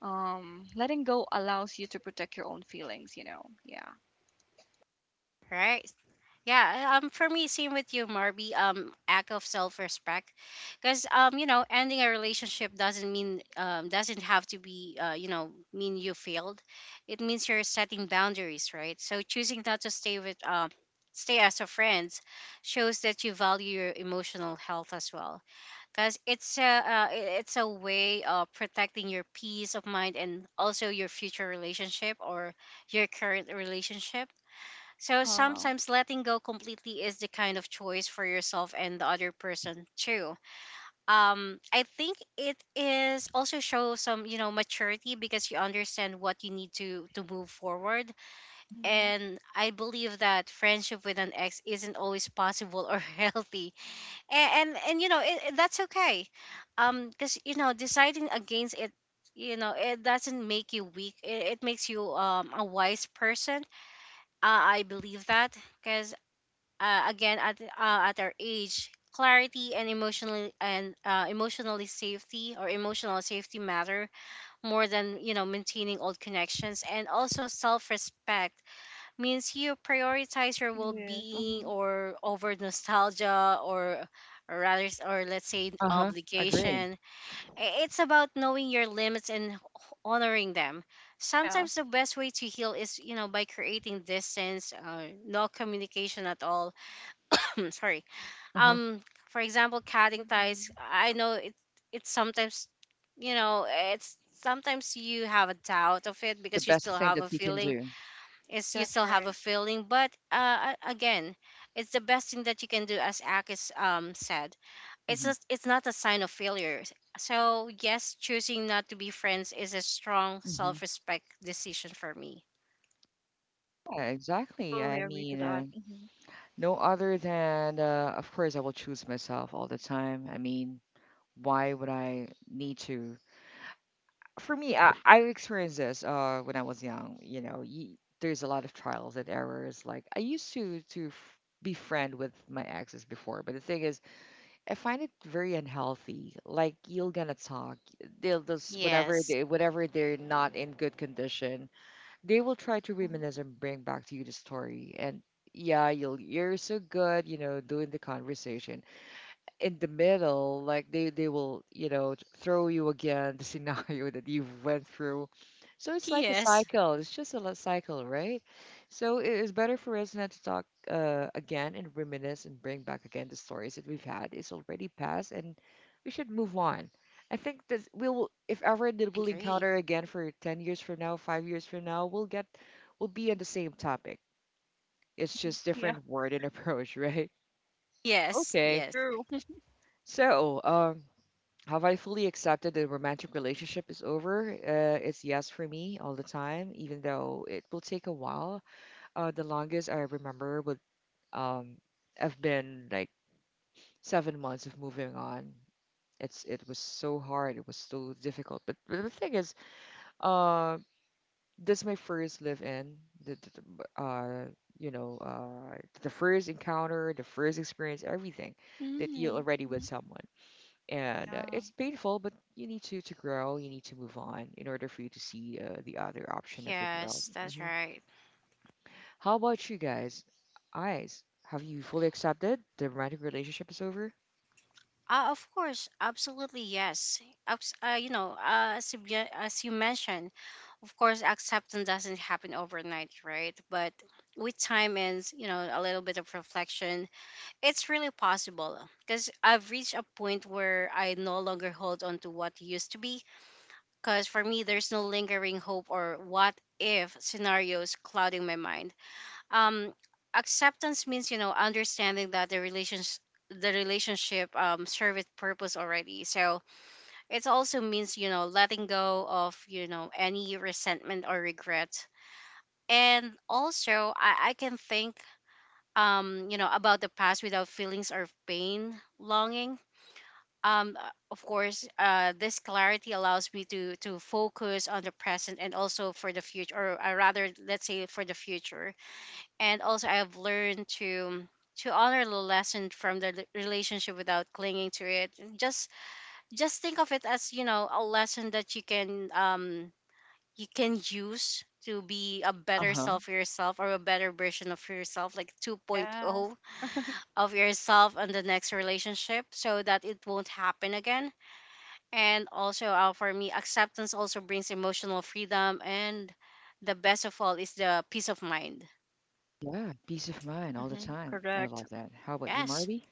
S2: Letting go allows you to protect your own feelings, you know. Yeah.
S3: Right. Yeah, for me, same with you, Marby. Act of self-respect, because ending a relationship doesn't mean doesn't have to be, mean you failed. It means you're setting boundaries, right? So choosing not to stay with stay as a friend shows that you value your emotional health as well, because it's a way of protecting your peace of mind and also your future relationship or your current relationship. So
S2: Uh-huh.
S3: sometimes letting go completely is the kind of choice for yourself and the other person too. I think it is also show some, maturity, because you understand what you need to move forward.
S2: Mhm.
S3: And I believe that friendship with an ex isn't always possible or healthy. And you know it. That's okay. Because you know, deciding against it, you know, it doesn't make you weak. It makes you a wise person. I believe that, because again at our age, clarity and emotionally and, emotionally safety or emotional safety matter more than, maintaining old connections. And also self-respect means you prioritize your
S2: It is.
S3: well-being
S2: Mm-hmm.
S3: or over nostalgia, or rather or let's say
S1: Uh-huh. Agree.
S3: obligation. It's about knowing your limits and honoring them.
S2: Yeah.
S3: Sometimes the best way to heal is, by creating distance, no communication at all. Sorry.
S1: Uh-huh.
S3: Um for example, cutting ties.
S2: Mhm.
S3: I know it's sometimes, you have a doubt of it
S1: The
S3: because you still
S1: best thing
S3: have
S1: that
S3: a
S1: we can
S3: feeling.
S1: do.
S3: Is you
S2: That's
S3: still have
S2: right.
S3: a feeling. But again, it's the best thing that you can do, as Akis said. it's
S1: Mm-hmm.
S3: just it's not a sign of failure. So yes, choosing not to be friends is a strong
S1: Mm-hmm.
S3: self-respect decision for me.
S1: Yeah,
S2: I
S1: exactly. I
S2: totally agree to
S1: mean,
S2: that.
S1: no other than, of course, I will choose myself all the time. I mean, why would I need to? For me, I experienced this when I was young. You know, y there's a lot of trials and errors. Like I used to be friend with my exes before, but the thing is, I find it very unhealthy. Like you're gonna talk, they'll just
S3: Yes.
S1: whenever they're not in good condition, they will try to
S2: Mhm.
S1: reminisce and bring back to you the story. And yeah, you'll you're so good, you know, doing the conversation in the middle, like they will, you know, throw you again the scenario that you went through. So it's like a
S3: Yes.
S1: cycle. It's just a cycle, right? So it is better for us not to talk again and reminisce and bring back again the stories that we've had. It's already past, and we should move on. I think that we'll, if ever that we'll
S3: Agree.
S1: encounter again for 10 years from now, 5 years from now, we'll get, we'll be on the same topic. It's just
S2: Yeah,
S1: different word and approach, right?
S3: Yes,
S1: Okay.
S3: yes,
S2: true.
S1: So, have I fully accepted the romantic relationship is over? It's yes for me all the time, even though it will take a while. The longest I remember would um, have been like 7 months of moving on. It's it was so hard. It was so difficult. But the thing is, uh, this is my first live-in. The, the, the, uh, you know, the first encounter, the first experience, everything that you
S2: Mhm.
S1: already with
S2: Mhm.
S1: someone, and
S2: Yeah.
S1: it's painful but you need to grow, you need to move on in order for you to see the other option of the world.
S3: yes. That's
S1: Hmm.
S3: right.
S1: How about you guys, eyes, have you fully accepted the romantic relationship is over?
S3: Of course, absolutely yes. Abs- you know, as, you, ge- As you mentioned, of course, acceptance doesn't happen overnight, right? But with time and, a little bit of reflection, it's really possible. Because I've reached a point where I no longer hold on to what used to be. Because for me, there's no lingering hope or what if scenarios clouding my mind. Um acceptance means, understanding that the relationship serve its purpose already. So it also means, letting go of, any resentment or regret. And also, I can think, about the past without feelings or pain longing. Of course, this clarity allows me to focus on the present and also for the future or, rather, let's say, for the future. And also I've learned to honor the lesson from the relationship without clinging to it. Just think of it as, a lesson that you can, you can use to be a better
S1: Uh-huh.
S3: self yourself, or a better version of yourself, like 2.0
S2: Yes.
S3: of yourself in the next relationship, so that it won't happen again. And also, for me, acceptance also brings emotional freedom, and the best of all is the peace of mind.
S1: Yeah, peace of mind all the
S2: Mhm.
S1: time. I
S2: Correct.
S1: love that. How about you,
S3: Yes.
S1: Marby?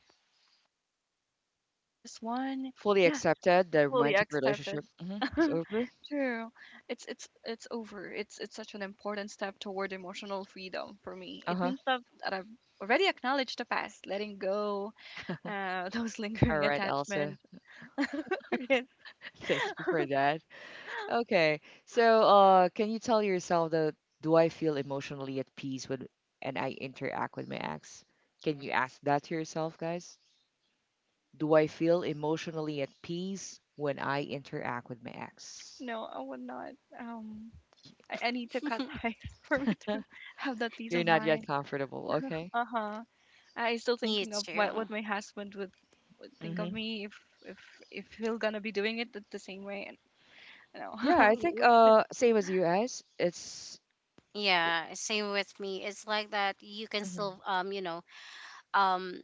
S2: For this one,
S1: Fully
S2: yeah,
S1: accepted the
S2: fully
S1: romantic
S2: accepted.
S1: relationship, mhm, is over.
S2: True. It's over. It's such an important step toward emotional freedom for me. It
S1: Uh-huh.
S2: means that, that I've already acknowledged the past, letting go, those
S1: All
S2: lingering
S1: right, Elsa.
S2: attachments. Yes.
S1: Thank you for that. Okay. So, can you tell yourself that do I feel emotionally at peace when and I interact with my ex? Can you ask that to yourself, guys? Do I feel emotionally at peace when I interact with my ex?
S2: No, I would not. Um, I need to cut ties for me to have that peace
S1: You're
S2: of
S1: not yet
S2: mind.
S1: comfortable, okay?
S2: Uh huh. I'm still
S3: You
S2: thinking of what
S3: too.
S2: what my husband would think of
S1: Mm-hmm.
S2: me if if he'll gonna be doing it the same way. And you
S1: Yeah, I
S2: know,
S1: think
S2: we should.
S1: same as you guys. It's.
S3: Yeah, same with me. It's like that you can
S1: Mhm.
S3: still, um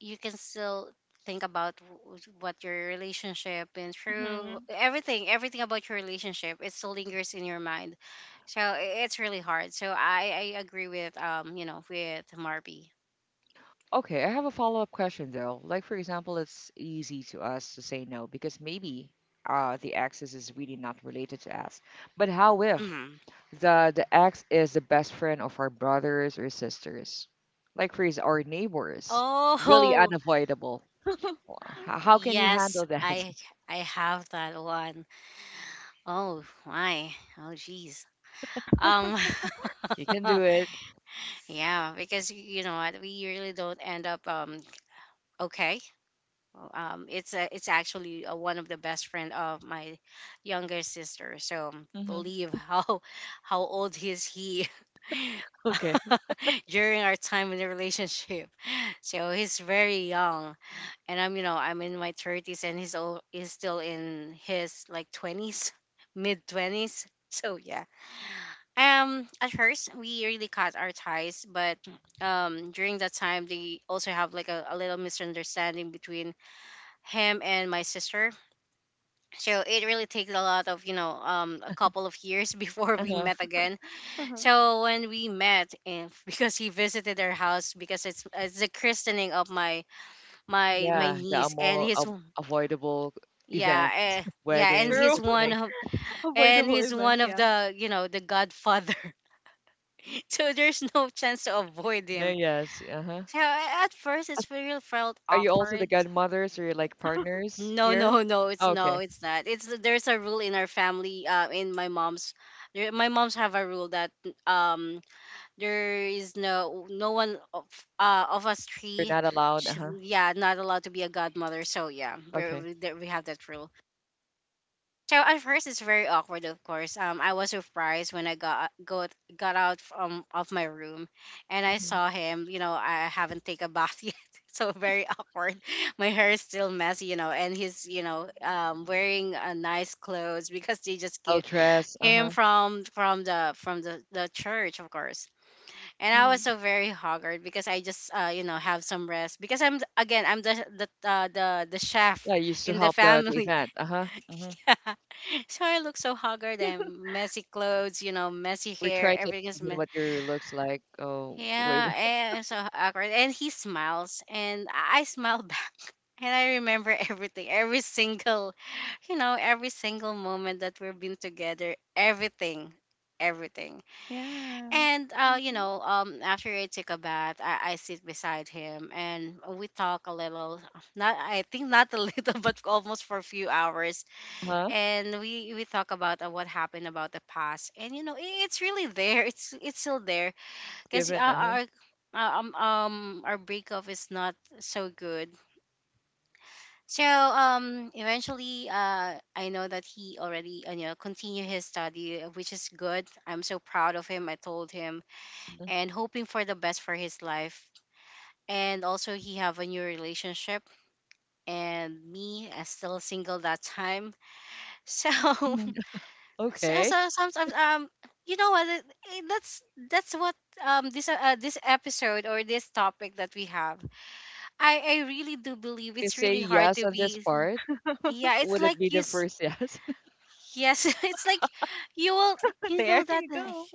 S3: you can still think about what your relationship been through,
S2: hmm
S3: everything, everything about your relationship. It still lingers in your mind. So it's really hard. So I agree with Marby.
S1: Okay. I have a follow-up question though. Like for example, it's easy to us to say no because maybe the ex is really not related to us. But how if?
S3: Hmm.
S1: The ex is the best friend of our brothers or sisters. Like for his our neighbors. Really
S3: Oh,
S1: unavoidable. Wh- how can you
S3: yes,
S1: handle that?
S3: I I have that one. Oh, my. Oh, jeez. Um
S1: You can do it.
S3: Yeah, because you know what, we really don't end up okay. Well, it's actually one of the best friend of my younger sister. So
S1: Hmm.
S3: believe how how old is he
S1: Okay.
S3: during our time in the relationship. So he's very young, and I'm, I'm in my thirties, and he's still in his like twenties, mid twenties. So yeah, at first we really cut our ties. But during that time they also have like a little misunderstanding between him and my sister. So it really takes a lot of, a couple of years before we
S1: Uh-huh.
S3: met again.
S2: uh-huh.
S3: So when we met, and because he visited our house because it's the christening of my
S1: Yeah, the
S3: niece and
S1: more
S3: his.
S1: avoidable
S3: Yeah,
S1: events,
S3: yeah,
S2: It's
S3: and
S1: weddings,
S2: true.
S3: he's one
S1: christening.
S3: of
S2: Avoidable event. Yeah.
S3: the, the godfather. So there's no chance to avoid
S1: No,
S3: him.
S1: yes. Uh-huh.
S3: So at first,
S1: As-
S3: it's really felt
S1: Are you also the
S3: awkward.
S1: godmothers or like partners
S3: No,
S1: here?
S3: no, no. It's no,
S1: Okay.
S3: it's not. It's There's a rule in our family. In my mom's, my mom's have a rule that, um there is no one of, of us
S1: You're
S3: three,
S1: not allowed.
S3: should,
S1: Uh-huh.
S3: yeah, not allowed to be a godmother. So yeah, we
S1: Okay.
S3: we there- we have that rule. So at first it's very awkward, of course. I was surprised when I got out from of my room, and I
S1: Mhm.
S3: saw him. I haven't taken a bath yet, so very awkward. My hair is still messy, and he's, wearing a nice clothes because they just
S1: I'll
S3: came,
S1: dress.
S3: came
S1: Uh-huh.
S3: from the church, of course. And I was
S2: hmm
S3: so very haggard because I just have some rest, because I'm again I'm the chef
S1: Yeah, you used to
S3: in the
S1: help the
S3: family.
S1: event. Uh-huh. Mhm.
S3: So I look so haggard and messy clothes, messy
S1: We
S3: hair,
S1: try to
S3: everything is
S1: imagine
S3: mess.
S1: what your looks like. Oh, wait,
S3: Yeah, and so awkward. And he smiles, and I smile back, and I remember everything, every single, every single moment that we've been together, everything. Everything,
S2: Yeah.
S3: and
S2: Mm.
S3: after I take a bath, I sit beside him and we talk a little. Not, I think not a little, but almost for a few hours
S1: huh?
S3: and we talk about what happened about the past, and you know it's really there, it's still there because
S1: Given, uh-huh.
S3: our breakup is not so good. So eventually, I know that he already, you know, continue his study, which is good. I'm so proud of him, I told him,
S1: Mhm.
S3: and hoping for the best for his life. And also, he have a new relationship, and me, I still single that time. So
S1: Mhm.
S3: so,
S1: Okay.
S3: sometimes, you know what it- it- that's that's what this this episode or this topic that we have, I really do believe
S1: You
S3: it's
S1: say
S3: really hard
S1: yes
S3: to
S1: on this
S3: be
S1: part.
S3: yeah, it's
S1: Would it
S3: like
S1: be
S3: you
S1: the first yes?
S3: yes. It's like you will, you know
S2: There
S3: that
S2: you go.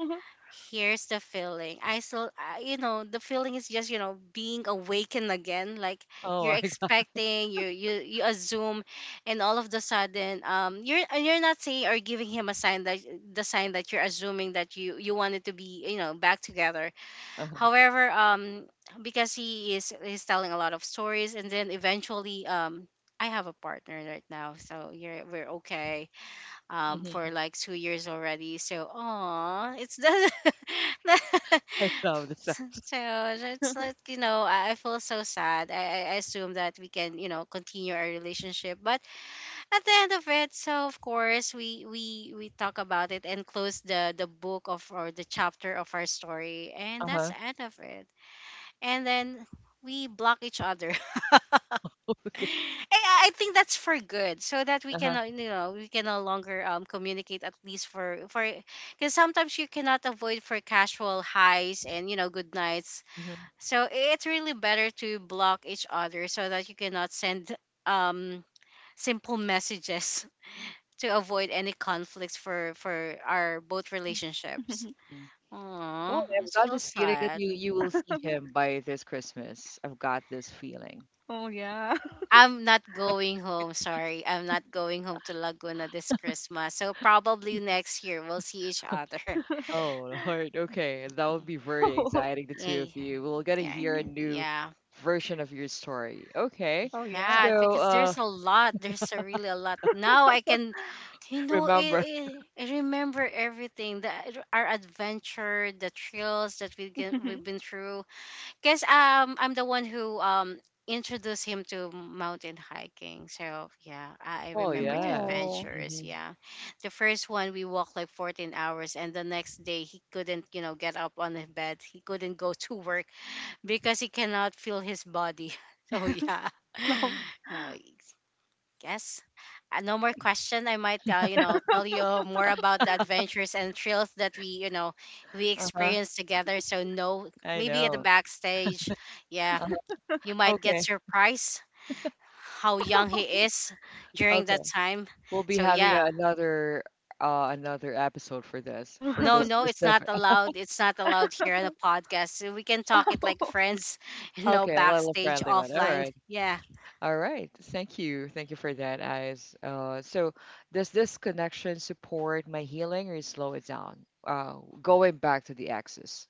S3: here's the feeling. You know, the feeling is just, you know, being awakened again. Like
S1: Oh,
S3: you're
S1: I,
S3: expecting, you assume, and all of the sudden, you're, and you're not saying or giving him a sign that, the sign that you're assuming that you wanted to be, you know, back together.
S1: uh-huh.
S3: However, because he is he's telling a lot of stories, and then eventually, I have a partner right now. So you're, we're okay, for
S1: Mhm.
S3: like 2 years already. So, oh, it's the,
S1: I love the
S3: so
S1: sounds.
S3: it's like, you know, I feel so sad. I assume that we can, you know, continue our relationship, but at the end of it, so of course we talk about it and close the book of, or the chapter of, our story, and that's
S1: Uh-huh.
S3: the end of it. And then we block each other. Eh,
S1: Okay.
S3: I think that's for good, so that we can,
S1: Uh-huh.
S3: you know, we can no longer communicate, at least for because sometimes you cannot avoid for casual highs and, you know, good nights.
S1: Mm-hmm.
S3: So it's really better to block each other so that you cannot send um simple messages to avoid any conflicts for our both relationships.
S1: Mm-hmm.
S3: Oh,
S1: Well,
S3: it
S1: I've got
S3: feels
S1: this feeling that
S3: sad.
S1: you will see him by this Christmas. I've got this feeling.
S2: Oh yeah.
S3: I'm not going home. Sorry, I'm not going home to Laguna this Christmas. So probably next year we'll see each other.
S1: Oh, Lord. Okay. That would
S3: Mm,
S1: be very
S2: Oh.
S1: exciting, the two
S3: yeah.
S1: of you. We'll get to
S3: Okay.
S1: hear a
S2: hmm
S1: new
S3: Yeah.
S1: version of your story. Okay.
S2: Oh yeah.
S3: Yeah,
S1: So,
S3: because
S1: uh,
S3: there's a lot. There's a really a lot. Now I can, you know,
S1: remember.
S3: I remember everything. Our adventure, the trails that we get, we've been through. Because I'm the one who introduced him to mountain hiking. So yeah, I
S1: Oh,
S3: remember the
S1: yeah.
S2: Oh.
S3: adventures.
S1: Mhm.
S3: Yeah, the first one we walked like 14 hours, and the next day he couldn't, you know, get up on his bed. He couldn't go to work because he cannot feel his body. So yeah,
S2: No.
S3: uh, yes. No more question. I might, you know, tell you more about the adventures and thrills that we, you know, we
S1: Uh-huh.
S3: experienced together. So no,
S1: I
S3: maybe at the
S1: know.
S3: backstage, yeah,
S1: Uh-huh.
S3: you might get
S1: Okay.
S3: surprised how young he is during
S1: Okay.
S3: that time.
S1: We'll be
S3: So
S1: having
S3: yeah,
S1: another another episode for this for
S2: Oh.
S3: no,
S1: this
S3: no, it's not
S1: specific.
S3: allowed. It's not allowed here on the podcast. So we can talk it like friends, you know,
S1: Okay, a little
S3: backstage
S1: friendly one. All
S3: offline.
S1: right.
S3: Yeah,
S1: All right. Thank you. Thank you for that, Eyes. So does this connection support my healing or slow it down? Going back to the exes.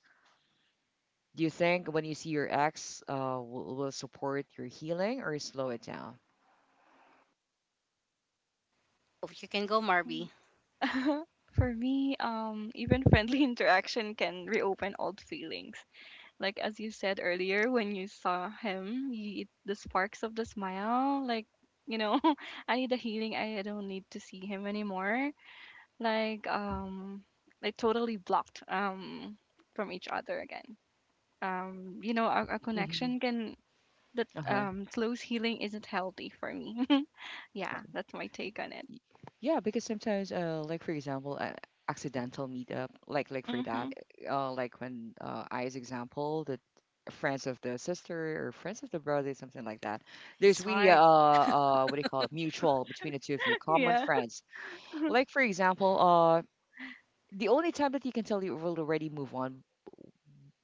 S1: Do you think when you see your ex will support your healing or slow it down?
S3: oh, you can go,
S2: Oh.
S3: Marby.
S2: For me, even friendly interaction can reopen old feelings. Like as you said earlier, when you saw him, you, the sparks of the smile, like you know, I need a healing. I don't need to see him anymore. Like um, like totally blocked from each other again. You know, a
S1: Mm-hmm.
S2: connection can that
S1: Uh-huh.
S2: slows healing isn't healthy for me. Yeah, that's my take on it.
S1: Y- Yeah, because sometimes, like for example, accidental meetup, like for that,
S2: Mhm.
S1: like when I's example, the friends of the sister or friends of the brother, something like that. There's
S3: It's
S1: really a,
S3: hard.
S1: what do you call it, mutual between the two of you, common
S2: Yeah.
S1: friends. Like for example, the only time that you can tell you will already move on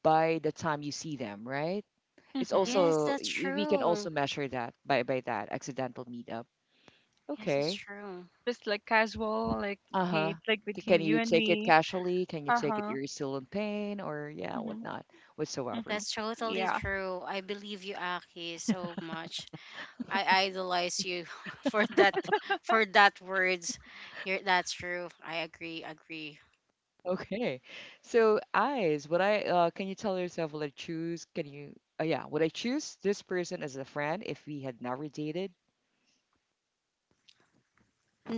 S1: by the time you see them, right? It's
S2: Mhm.
S3: Yes,
S1: also
S3: that's
S1: we can also
S3: true.
S1: measure that by that accidental meetup.
S3: Yes, that's
S1: Okay.
S3: true.
S2: Just like casual, like
S1: Uh-huh.
S2: hate, like between
S1: Can
S2: you
S1: you
S2: and
S1: take it
S2: me.
S1: casually? Can you
S2: Uh
S1: take it
S2: huh.
S1: you're still in pain or yeah,
S2: Mhm.
S1: whatnot, whatsoever.
S2: Mhm.
S3: That's totally
S2: Yeah.
S3: true. I believe you, Aki, so much. I idolize you for that, for that words. You're, that's true. I agree, agree.
S1: Okay. So eyes, would I can you tell yourself would I choose can you yeah, would I choose this person as a friend if we had never dated?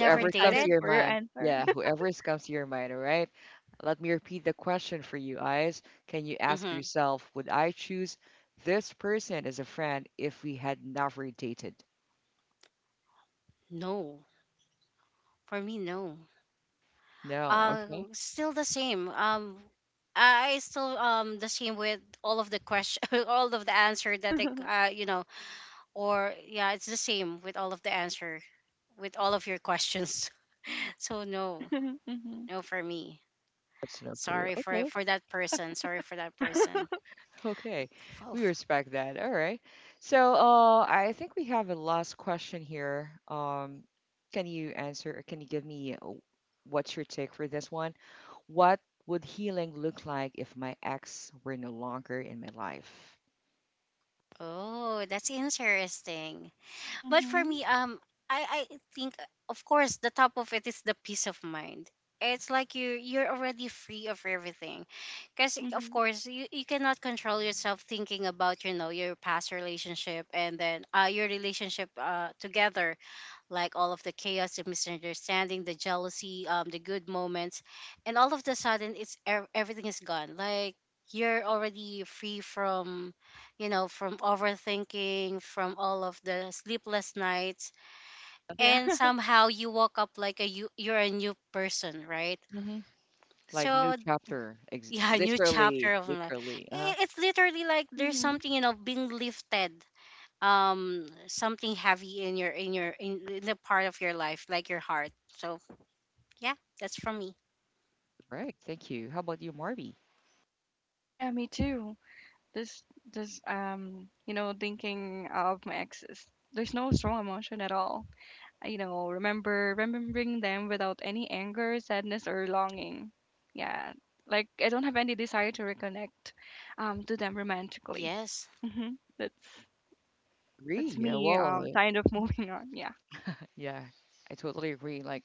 S2: So I'm
S1: Whoever comes to
S2: excited
S3: dated?
S1: your
S2: for your
S1: mind.
S2: answer.
S1: Yeah, whoever is comes to your mind, all right? Let me repeat the question for you, eyes. Can you ask
S3: Mm-hmm.
S1: yourself, would I choose this person as a friend if we had never dated?
S3: No. For me, no.
S1: No,
S3: Uh,
S1: okay.
S3: still the same. I still the same with all of the question, all of the answer that I, you know or yeah, it's the same with all of the answer, with all of your questions. So no,
S2: Mhm.
S3: no for me.
S1: That's no for you.
S3: Sorry for
S1: Okay.
S3: that person. Sorry for that person.
S1: Okay,
S3: Oh,
S1: we respect that. All right. So, I think we have a last question here. Can you answer? Or can you give me what's your take for this one? What would healing look like if my ex were no longer in my life?
S3: oh, that's interesting. But for
S2: Mhm.
S3: me, I think, of course the top of it is the peace of mind. It's like you're already free of everything, because of
S2: Mhm.
S3: course you cannot control yourself thinking about, you know, your past relationship, and then your relationship together, like all of the chaos, the misunderstanding, the jealousy, the good moments, and all of the sudden, it's everything is gone. Like you're already free from, you know, from overthinking, from all of the sleepless nights,
S2: Yeah.
S3: and somehow you woke up like a you're a new person, right?
S1: Hmm. Like new
S3: So
S1: chapter,
S3: yeah, new chapter
S1: literally,
S3: of life.
S1: literally. Uh-huh.
S3: It's literally like there's
S2: Mhm.
S3: something, you know, being lifted, something heavy in your, in the part of your life, like your heart. So yeah, that's from me.
S1: Right. Thank you. How about you, Marby?
S2: Yeah, me too. This, you know, thinking of my exes. There's no strong emotion at all. You know, remembering them without any anger, sadness, or longing. Yeah, like I don't have any desire to reconnect to them romantically.
S3: Yes.
S2: hmm That's
S1: Agree.
S2: that's
S1: Yeah.
S2: me.
S1: Well,
S2: Kind of moving on. Yeah.
S1: yeah, I totally agree. Like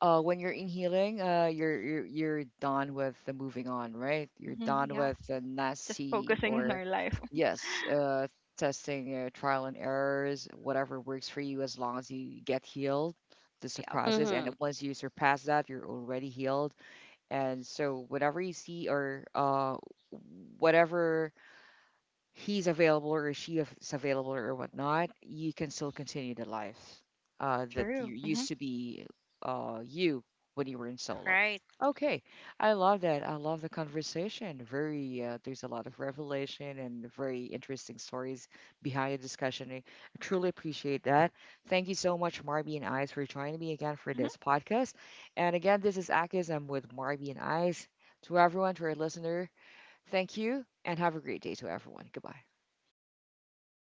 S1: when you're in healing, you're, you're done with the moving on, right? You're done
S2: Yeah.
S1: with the
S2: Just
S1: nasty
S2: focusing on
S1: or
S2: our life.
S1: yes, testing, trial and errors, whatever works for you, as long as you get healed. This a
S2: Yeah.
S1: process, and
S3: Mm-hmm.
S1: once you surpass that, you're already healed. And so, whatever you see or whatever he's available or she is available or whatnot, you can still continue the life that you
S2: True.
S1: used to be you when you were in solo.
S3: Right.
S1: Okay, I love that. I love the conversation. Very, there's a lot of revelation and very interesting stories behind the discussion. I truly appreciate that. Thank you so much, Marby and Ice, for joining me again for this podcast. And again, this is Akis. I'm with Marby and Ice. To everyone, to our listener, thank you and have a great day to everyone. Goodbye.